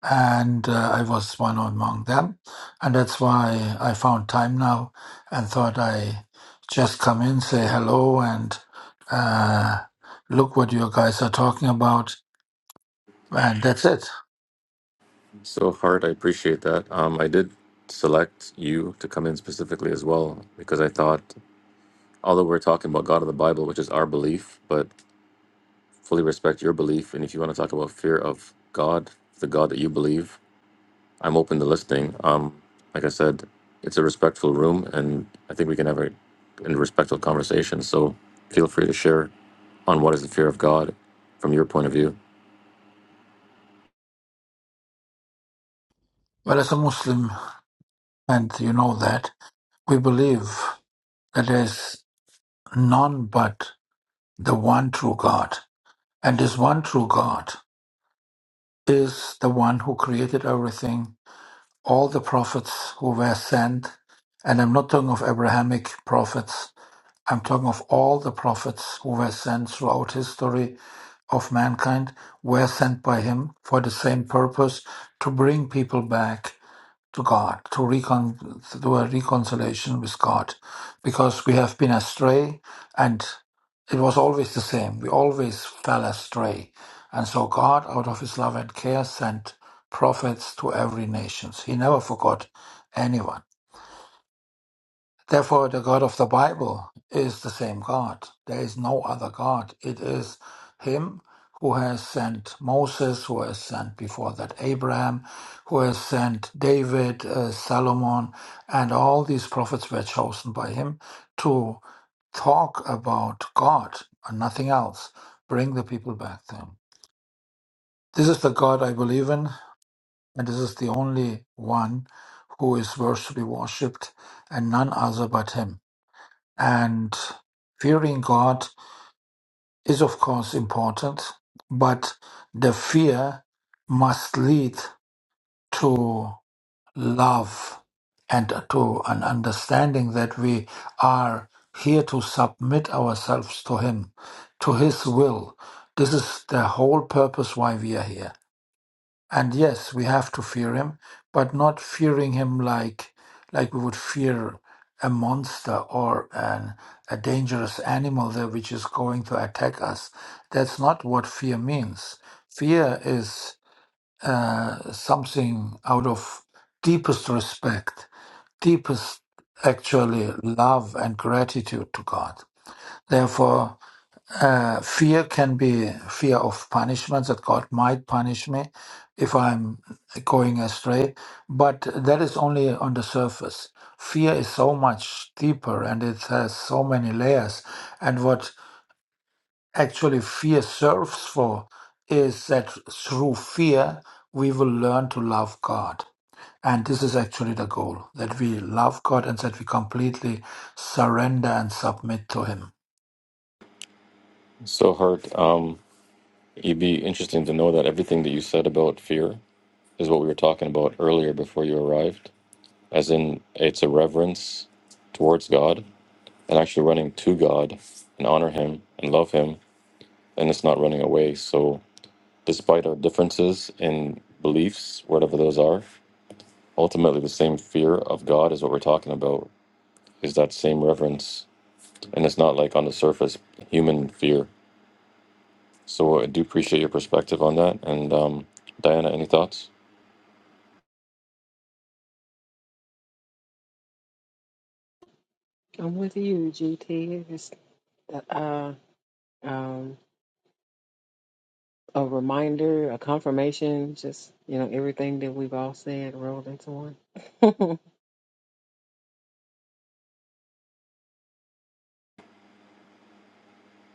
Speaker 6: and uh, I was one among them, and that's why I found time now and thought I just come in, say hello, and uh, look what you guys are talking about, and that's it.
Speaker 1: so Heart, I appreciate that. Um, I did select you to come in specifically as well because I thought although we're talking about God of the Bible, which is our belief, but fully respect your belief. And if you want to talk about fear of God, the God that you believe, I'm open to listening. Um, like I said, it's a respectful room, and I think we can have a, a respectful conversation. So feel free to share on what is the fear of God from your point of view.
Speaker 6: Well, as a Muslim, and you know that we believe that there is none but the one true God, and this one true God is the one who created everything all the prophets who were sent, and I'm not talking of Abrahamic prophets, I'm talking of all the prophets who were sent throughout history of mankind, were sent by him for the same purpose to bring people back to God, to recon to a reconciliation with God, because we have been astray, and it was always the same. We always fell astray, and so God, out of His love and care, sent prophets to every nation. He never forgot anyone. Therefore, the God of the Bible is the same God. There is no other God. It is Him who has sent Moses, who has sent before that Abraham, who has sent David, uh, Solomon, and all these prophets were chosen by Him to talk about God and nothing else, bring the people back to Him. This is the God I believe in, and this is the only one who is worth to be worshipped, and none other but Him. And fearing God is, of course, important, but the fear must lead to love and to an understanding that we are here to submit ourselves to Him, to His will. This is the whole purpose why we are here. And yes, we have to fear him, but not fearing him like like we would fear a monster or an a dangerous animal that which is going to attack us. That's not what fear means. Fear is uh, something out of deepest respect, deepest actually love and gratitude to God. Therefore, uh, fear can be fear of punishment that God might punish me if I'm going astray, but that is only on the surface. Fear is so much deeper and it has so many layers. And what actually fear serves for is that through fear, we will learn to love God. And this is actually the goal that we love God and that we completely surrender and submit to Him.
Speaker 1: So, Hart, um, it'd be interesting to know that everything that you said about fear is what we were talking about earlier before you arrived, as in it's a reverence towards God and actually running to God and honor Him and love Him, and it's not running away. So, despite our differences in beliefs, whatever those are, ultimately the same fear of God is what we're talking about, is that same reverence. And it's not like on the surface human fear. So, I do appreciate your perspective on that. And, um, Diana, any thoughts?
Speaker 2: I'm with you, GT. It's, uh, um, a reminder, a confirmation, just, you know, everything that we've all said rolled into one.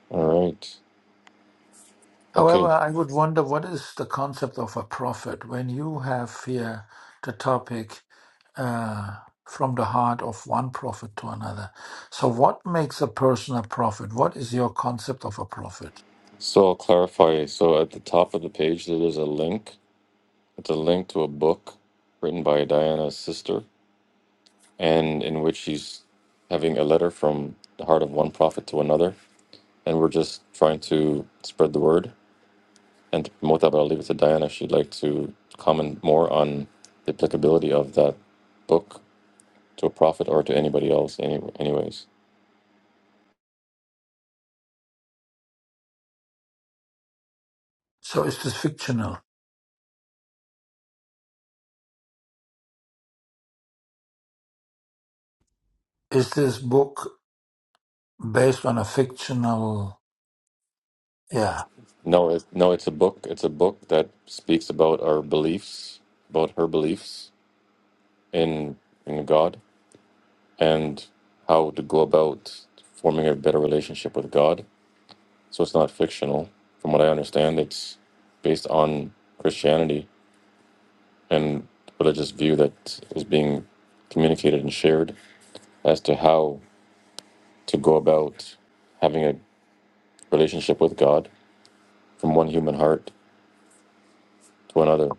Speaker 1: All right.
Speaker 6: However,
Speaker 1: Okay.
Speaker 6: I would wonder what is the concept of a prophet when you have here the topic uh, from the heart of one prophet to another. So, what makes a person a prophet? What is your concept of a prophet?
Speaker 1: So, I'll clarify. So, at the top of the page, there is a link. It's a link to a book written by Diana's sister and in which he's having a letter from the heart of one prophet to another. And we're just trying to spread the word and to promote that. But I'll leave it to Diana. She'd like to comment more on the applicability of that book to a prophet or to anybody else. Any, anyways,
Speaker 6: So, is this fictional? Is this book based on a fictional? Yeah.
Speaker 1: no, it's, no, it's a book. It's a book that speaks about our beliefs, about her beliefs in in God, and how to go about forming a better relationship with God so it's not fictional. From what I understand, it's based on Christianity and religious view that is being communicated and shared as to how to go about having a relationship with God from one human heart to another.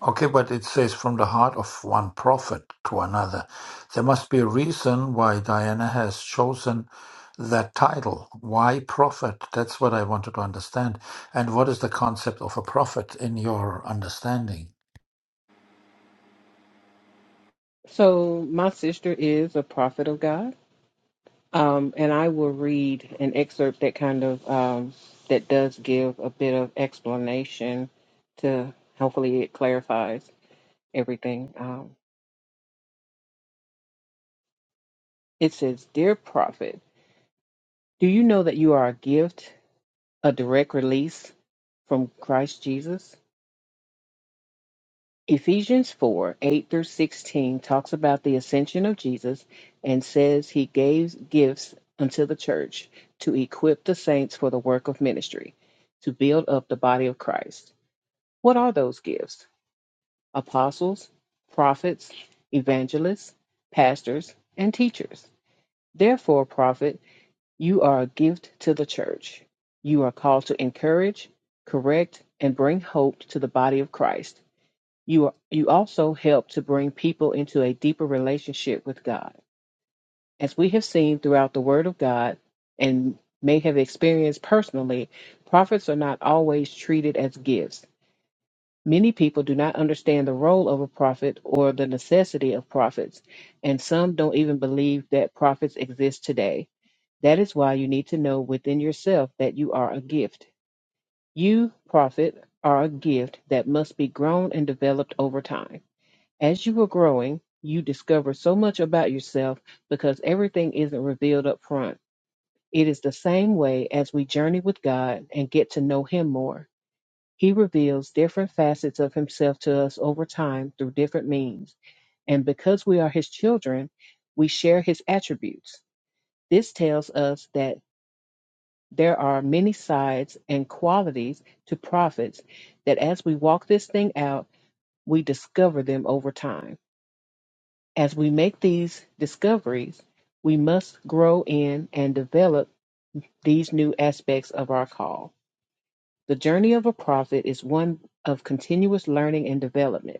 Speaker 6: Okay, but it says from the heart of one prophet to another. There must be a reason why Diana has chosen that title. Why prophet? That's what I wanted to understand. And what is the concept of a prophet in your understanding?
Speaker 2: so, my sister is a prophet of God. Um, and I will read an excerpt that kind of um, that does give a bit of explanation to hopefully it clarifies everything. Um, it says, "Dear prophet, do you know that you are a gift, a direct release from Christ Jesus? Ephesians 4 8 through 16 talks about the ascension of Jesus and says he gave gifts unto the church to equip the saints for the work of ministry, to build up the body of Christ. What are those gifts? Apostles, prophets, evangelists, pastors, and teachers. Therefore, prophet, you are a gift to the church. You are called to encourage, correct, and bring hope to the body of Christ. You, you also help to bring people into a deeper relationship with God. As we have seen throughout the Word of God and may have experienced personally, prophets are not always treated as gifts. Many people do not understand the role of a prophet or the necessity of prophets, and some don't even believe that prophets exist today. That is why you need to know within yourself that you are a gift. You, prophet, are a gift that must be grown and developed over time. As you are growing, you discover so much about yourself because everything isn't revealed up front. It is the same way as we journey with God and get to know Him more. He reveals different facets of Himself to us over time through different means. And because we are His children, we share His attributes. This tells us that there are many sides and qualities to prophets that as we walk this thing out, we discover them over time. As we make these discoveries, we must grow in and develop these new aspects of our call. The journey of a prophet is one of continuous learning and development.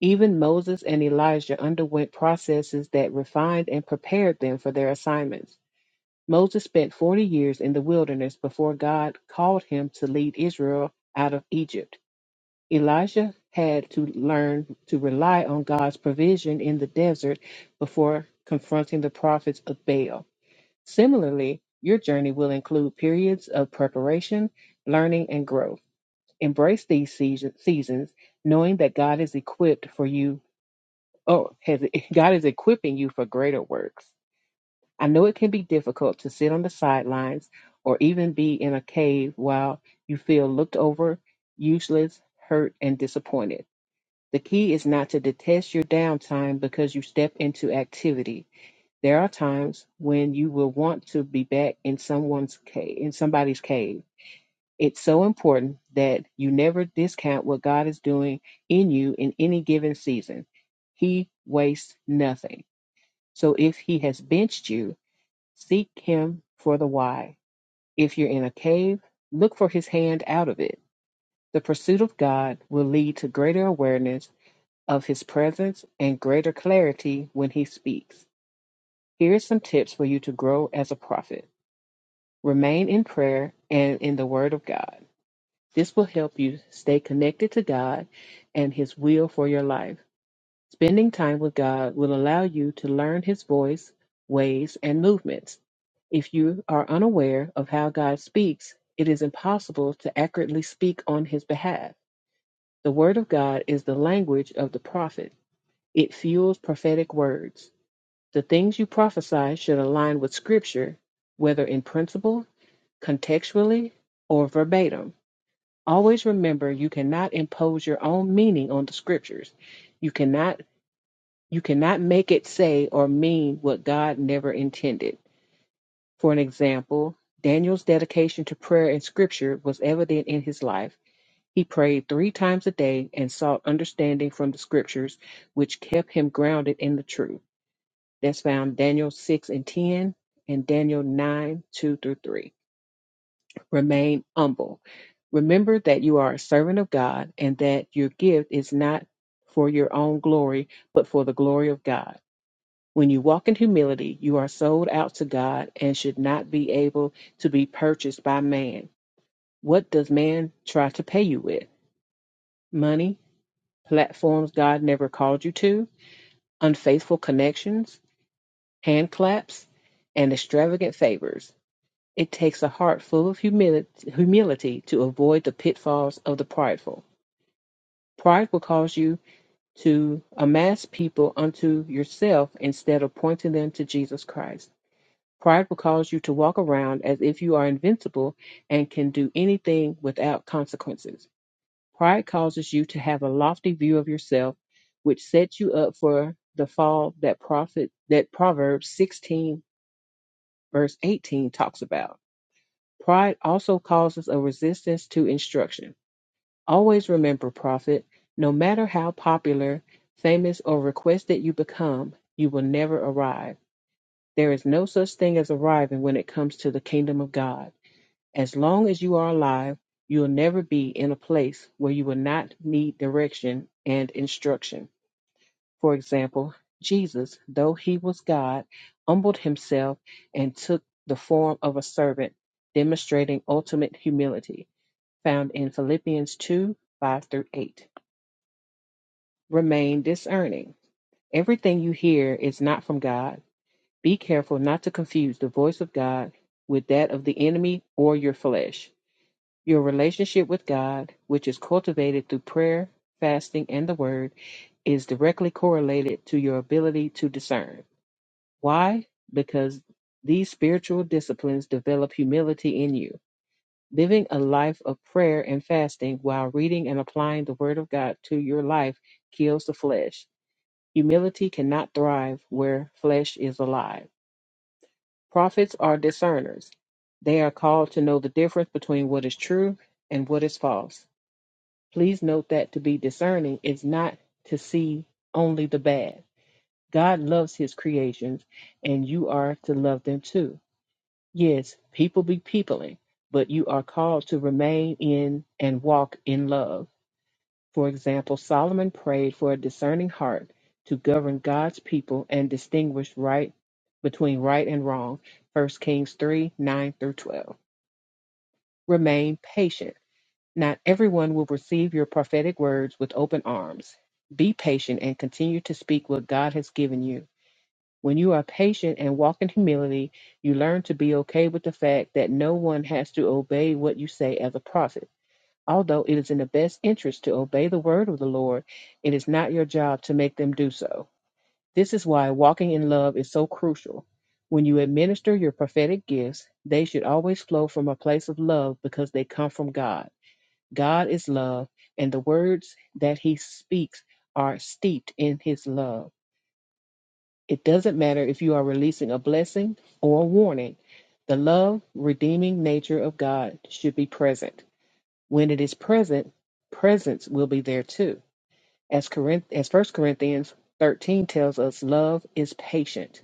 Speaker 2: Even Moses and Elijah underwent processes that refined and prepared them for their assignments. Moses spent 40 years in the wilderness before God called him to lead Israel out of Egypt. Elijah had to learn to rely on God's provision in the desert before confronting the prophets of Baal. Similarly, your journey will include periods of preparation, learning, and growth. Embrace these season- seasons, knowing that God is equipped for you. Oh, has, God is equipping you for greater works. I know it can be difficult to sit on the sidelines or even be in a cave while you feel looked over, useless, hurt, and disappointed the key is not to detest your downtime because you step into activity. There are times when you will want to be back in someone's cave, in somebody's cave. It's so important that you never discount what God is doing in you in any given season. He wastes nothing. So if he has benched you, seek him for the why. If you're in a cave, look for his hand out of it. The pursuit of God will lead to greater awareness of His presence and greater clarity when He speaks. Here are some tips for you to grow as a prophet. Remain in prayer and in the Word of God. This will help you stay connected to God and His will for your life. Spending time with God will allow you to learn His voice, ways, and movements. If you are unaware of how God speaks, it is impossible to accurately speak on His behalf. The Word of God is the language of the prophet. It fuels prophetic words. The things you prophesy should align with Scripture, whether in principle, contextually, or verbatim. Always remember you cannot impose your own meaning on the Scriptures. You cannot you cannot make it say or mean what God never intended. For an example, Daniel's dedication to prayer and scripture was evident in his life. He prayed three times a day and sought understanding from the scriptures, which kept him grounded in the truth. That's found Daniel 6 and 10 and Daniel 9, 2 through 3. Remain humble. Remember that you are a servant of God and that your gift is not for your own glory, but for the glory of God. When you walk in humility, you are sold out to God and should not be able to be purchased by man. What does man try to pay you with? Money, platforms God never called you to, unfaithful connections, hand claps, and extravagant favors. It takes a heart full of humility, humility to avoid the pitfalls of the prideful. Pride will cause you to amass people unto yourself instead of pointing them to Jesus Christ. Pride will cause you to walk around as if you are invincible and can do anything without consequences. Pride causes you to have a lofty view of yourself, which sets you up for the fall that prophet that Proverbs 16 verse 18 talks about. Pride also causes a resistance to instruction. Always remember, prophet, no matter how popular, famous, or requested you become, you will never arrive. There is no such thing as arriving when it comes to the kingdom of God. As long as you are alive, you'll never be in a place where you will not need direction and instruction. For example, Jesus, though he was God, humbled himself and took the form of a servant, demonstrating ultimate humility found in Philippians 2 5 through 8. Remain discerning. Everything you hear is not from God. Be careful not to confuse the voice of God with that of the enemy or your flesh. Your relationship with God, which is cultivated through prayer, fasting, and the Word, is directly correlated to your ability to discern. Why? Because these spiritual disciplines develop humility in you. Living a life of prayer and fasting while reading and applying the Word of God to your life kills the flesh. Humility cannot thrive where flesh is alive. Prophets are discerners, they are called to know the difference between what is true and what is false. Please note that to be discerning is not to see only the bad. God loves his creations, and you are to love them too. Yes, people be peopling, but you are called to remain in and walk in love. For example, Solomon prayed for a discerning heart to govern God's people and distinguish right between right and wrong. First Kings 3 9 through 12. Remain patient. Not everyone will receive your prophetic words with open arms. Be patient and continue to speak what God has given you when you are patient and walk in humility, you learn to be okay with the fact that no one has to obey what you say as a prophet. Although it is in the best interest to obey the word of the Lord, it is not your job to make them do so. This is why walking in love is so crucial. When you administer your prophetic gifts, they should always flow from a place of love because they come from God. God is love, and the words that he speaks are steeped in his love. It doesn't matter if you are releasing a blessing or a warning. The love, redeeming nature of God should be present. When it is present, presence will be there too. As, Corinth- as 1 Corinthians 13 tells us, love is patient.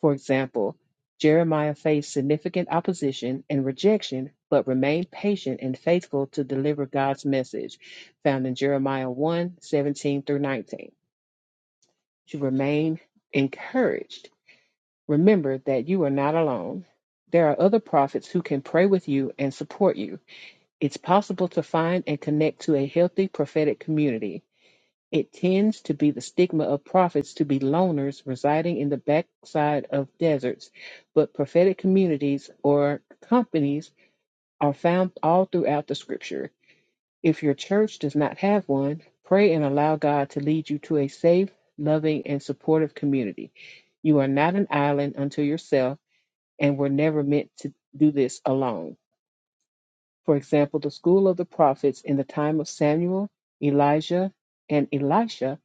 Speaker 2: For example, Jeremiah faced significant opposition and rejection, but remained patient and faithful to deliver God's message, found in Jeremiah one 17 through 19. To remain encouraged Remember that you are not alone. There are other prophets who can pray with you and support you. It's possible to find and connect to a healthy prophetic community. It tends to be the stigma of prophets to be loners residing in the backside of deserts, but prophetic communities or companies are found all throughout the scripture. If your church does not have one, pray and allow God to lead you to a safe, loving, and supportive community. You are not an island unto yourself and were never meant to do this alone. For example, the school of the prophets in the time of Samuel, Elijah, and Elisha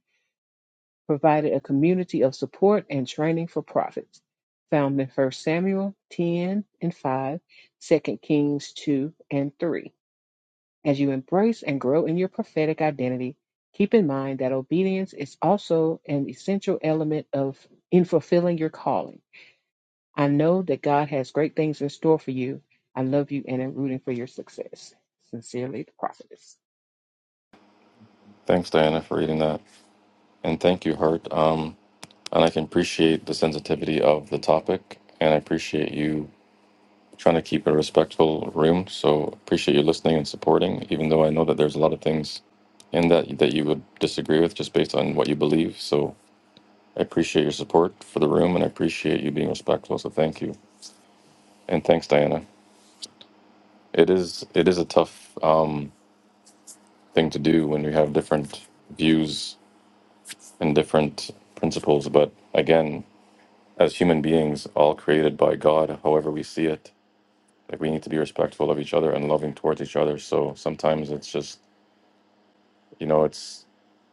Speaker 2: provided a community of support and training for prophets, found in 1 Samuel 10 and 5, 2 Kings 2 and 3. As you embrace and grow in your prophetic identity, keep in mind that obedience is also an essential element of in fulfilling your calling. I know that God has great things in store for you. I love you and am rooting for your success. Sincerely, the prophetess.
Speaker 1: Thanks, Diana, for reading that, and thank you, Hart. Um, and I can appreciate the sensitivity of the topic, and I appreciate you trying to keep a respectful room. So appreciate you listening and supporting, even though I know that there's a lot of things in that that you would disagree with just based on what you believe. So I appreciate your support for the room, and I appreciate you being respectful. So thank you, and thanks, Diana. It is it is a tough um, thing to do when we have different views and different principles, but again, as human beings, all created by God, however we see it, like we need to be respectful of each other and loving towards each other. So sometimes it's just you know it's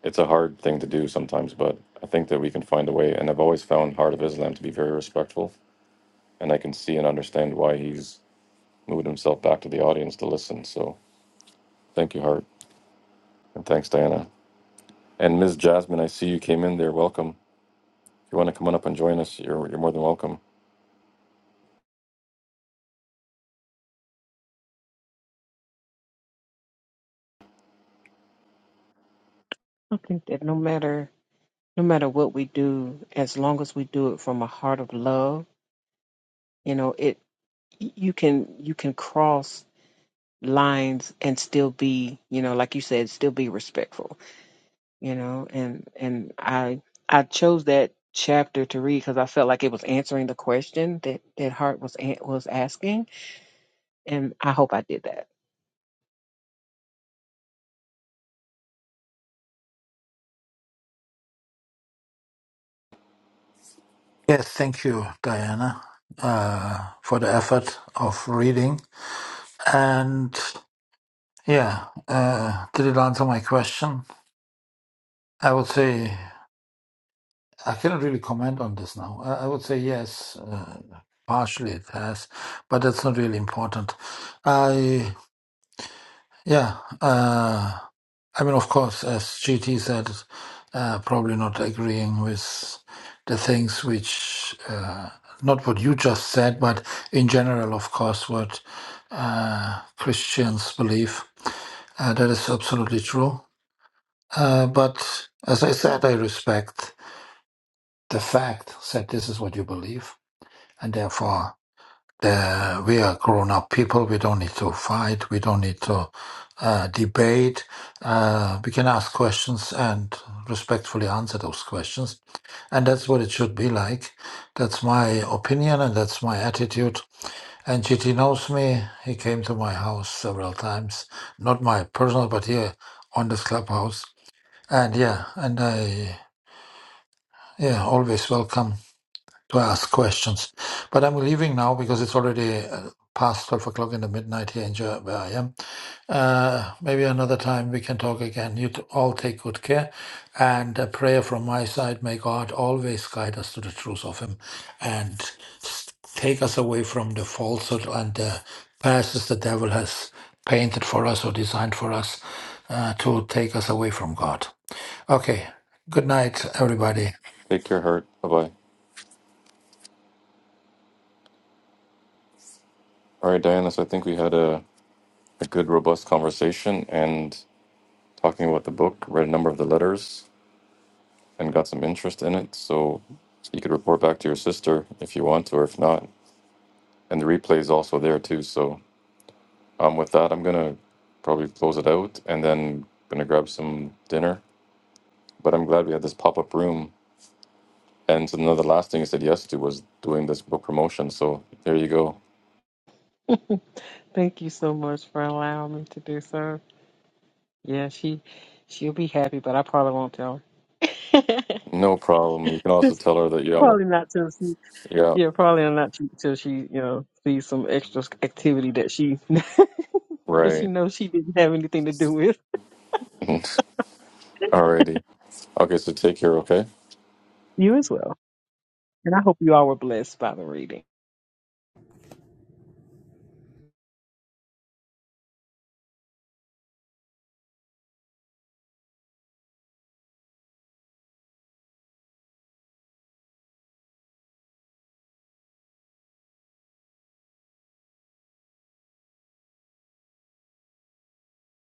Speaker 1: it's a hard thing to do sometimes but i think that we can find a way and i've always found heart of islam to be very respectful and i can see and understand why he's moved himself back to the audience to listen so thank you heart and thanks diana and Miss jasmine i see you came in there welcome if you want to come on up and join us you're, you're more than welcome
Speaker 2: I think that no matter no matter what we do, as long as we do it from a heart of love, you know, it you can you can cross lines and still be, you know, like you said, still be respectful, you know, and and I I chose that chapter to read because I felt like it was answering the question that that Hart was an- was asking, and I hope I did that.
Speaker 6: Yes, thank you, Diana, uh, for the effort of reading. And yeah, uh, did it answer my question? I would say I cannot really comment on this now. I, I would say yes, uh, partially it has, but that's not really important. I yeah. Uh, I mean, of course, as GT said, uh, probably not agreeing with the things which uh, not what you just said, but in general, of course, what uh, Christians believe. Uh, that is absolutely true. Uh, but as I said, I respect the fact that this is what you believe, and therefore the, we are grown up people. We don't need to fight. We don't need to uh, debate. Uh, we can ask questions and respectfully answer those questions. And that's what it should be like. That's my opinion and that's my attitude. And GT knows me. He came to my house several times, not my personal, but here on this clubhouse. And yeah, and I, yeah, always welcome to ask questions. But I'm leaving now because it's already uh, past 12 o'clock in the midnight here in Ger- where I am. Uh, maybe another time we can talk again. You t- all take good care. And a prayer from my side may God always guide us to the truth of Him and s- take us away from the falsehood and the passes the devil has painted for us or designed for us uh, to take us away from God. Okay. Good night, everybody.
Speaker 1: take care heart bye-bye all right diana so i think we had a, a good robust conversation and talking about the book read a number of the letters and got some interest in it. So you could report back to your sister if you want to, or if not. And the replay is also there too. So um, with that, I'm gonna probably close it out and then gonna grab some dinner. But I'm glad we had this pop up room. And so another last thing I said yes to was doing this book promotion. So there you go.
Speaker 2: Thank you so much for allowing me to do so. Yeah, she she'll be happy, but I probably won't tell her.
Speaker 1: No problem. You can also
Speaker 2: It's
Speaker 1: tell her that yeah, I want-
Speaker 2: probably not till she
Speaker 1: yeah,
Speaker 2: yeah, probably not till till she you know sees some extra activity that she that she
Speaker 1: right.
Speaker 2: knows she didn't have anything to do with.
Speaker 1: Alrighty. Okay, so take care. Okay.
Speaker 2: You as well, and I hope you all were blessed by the reading.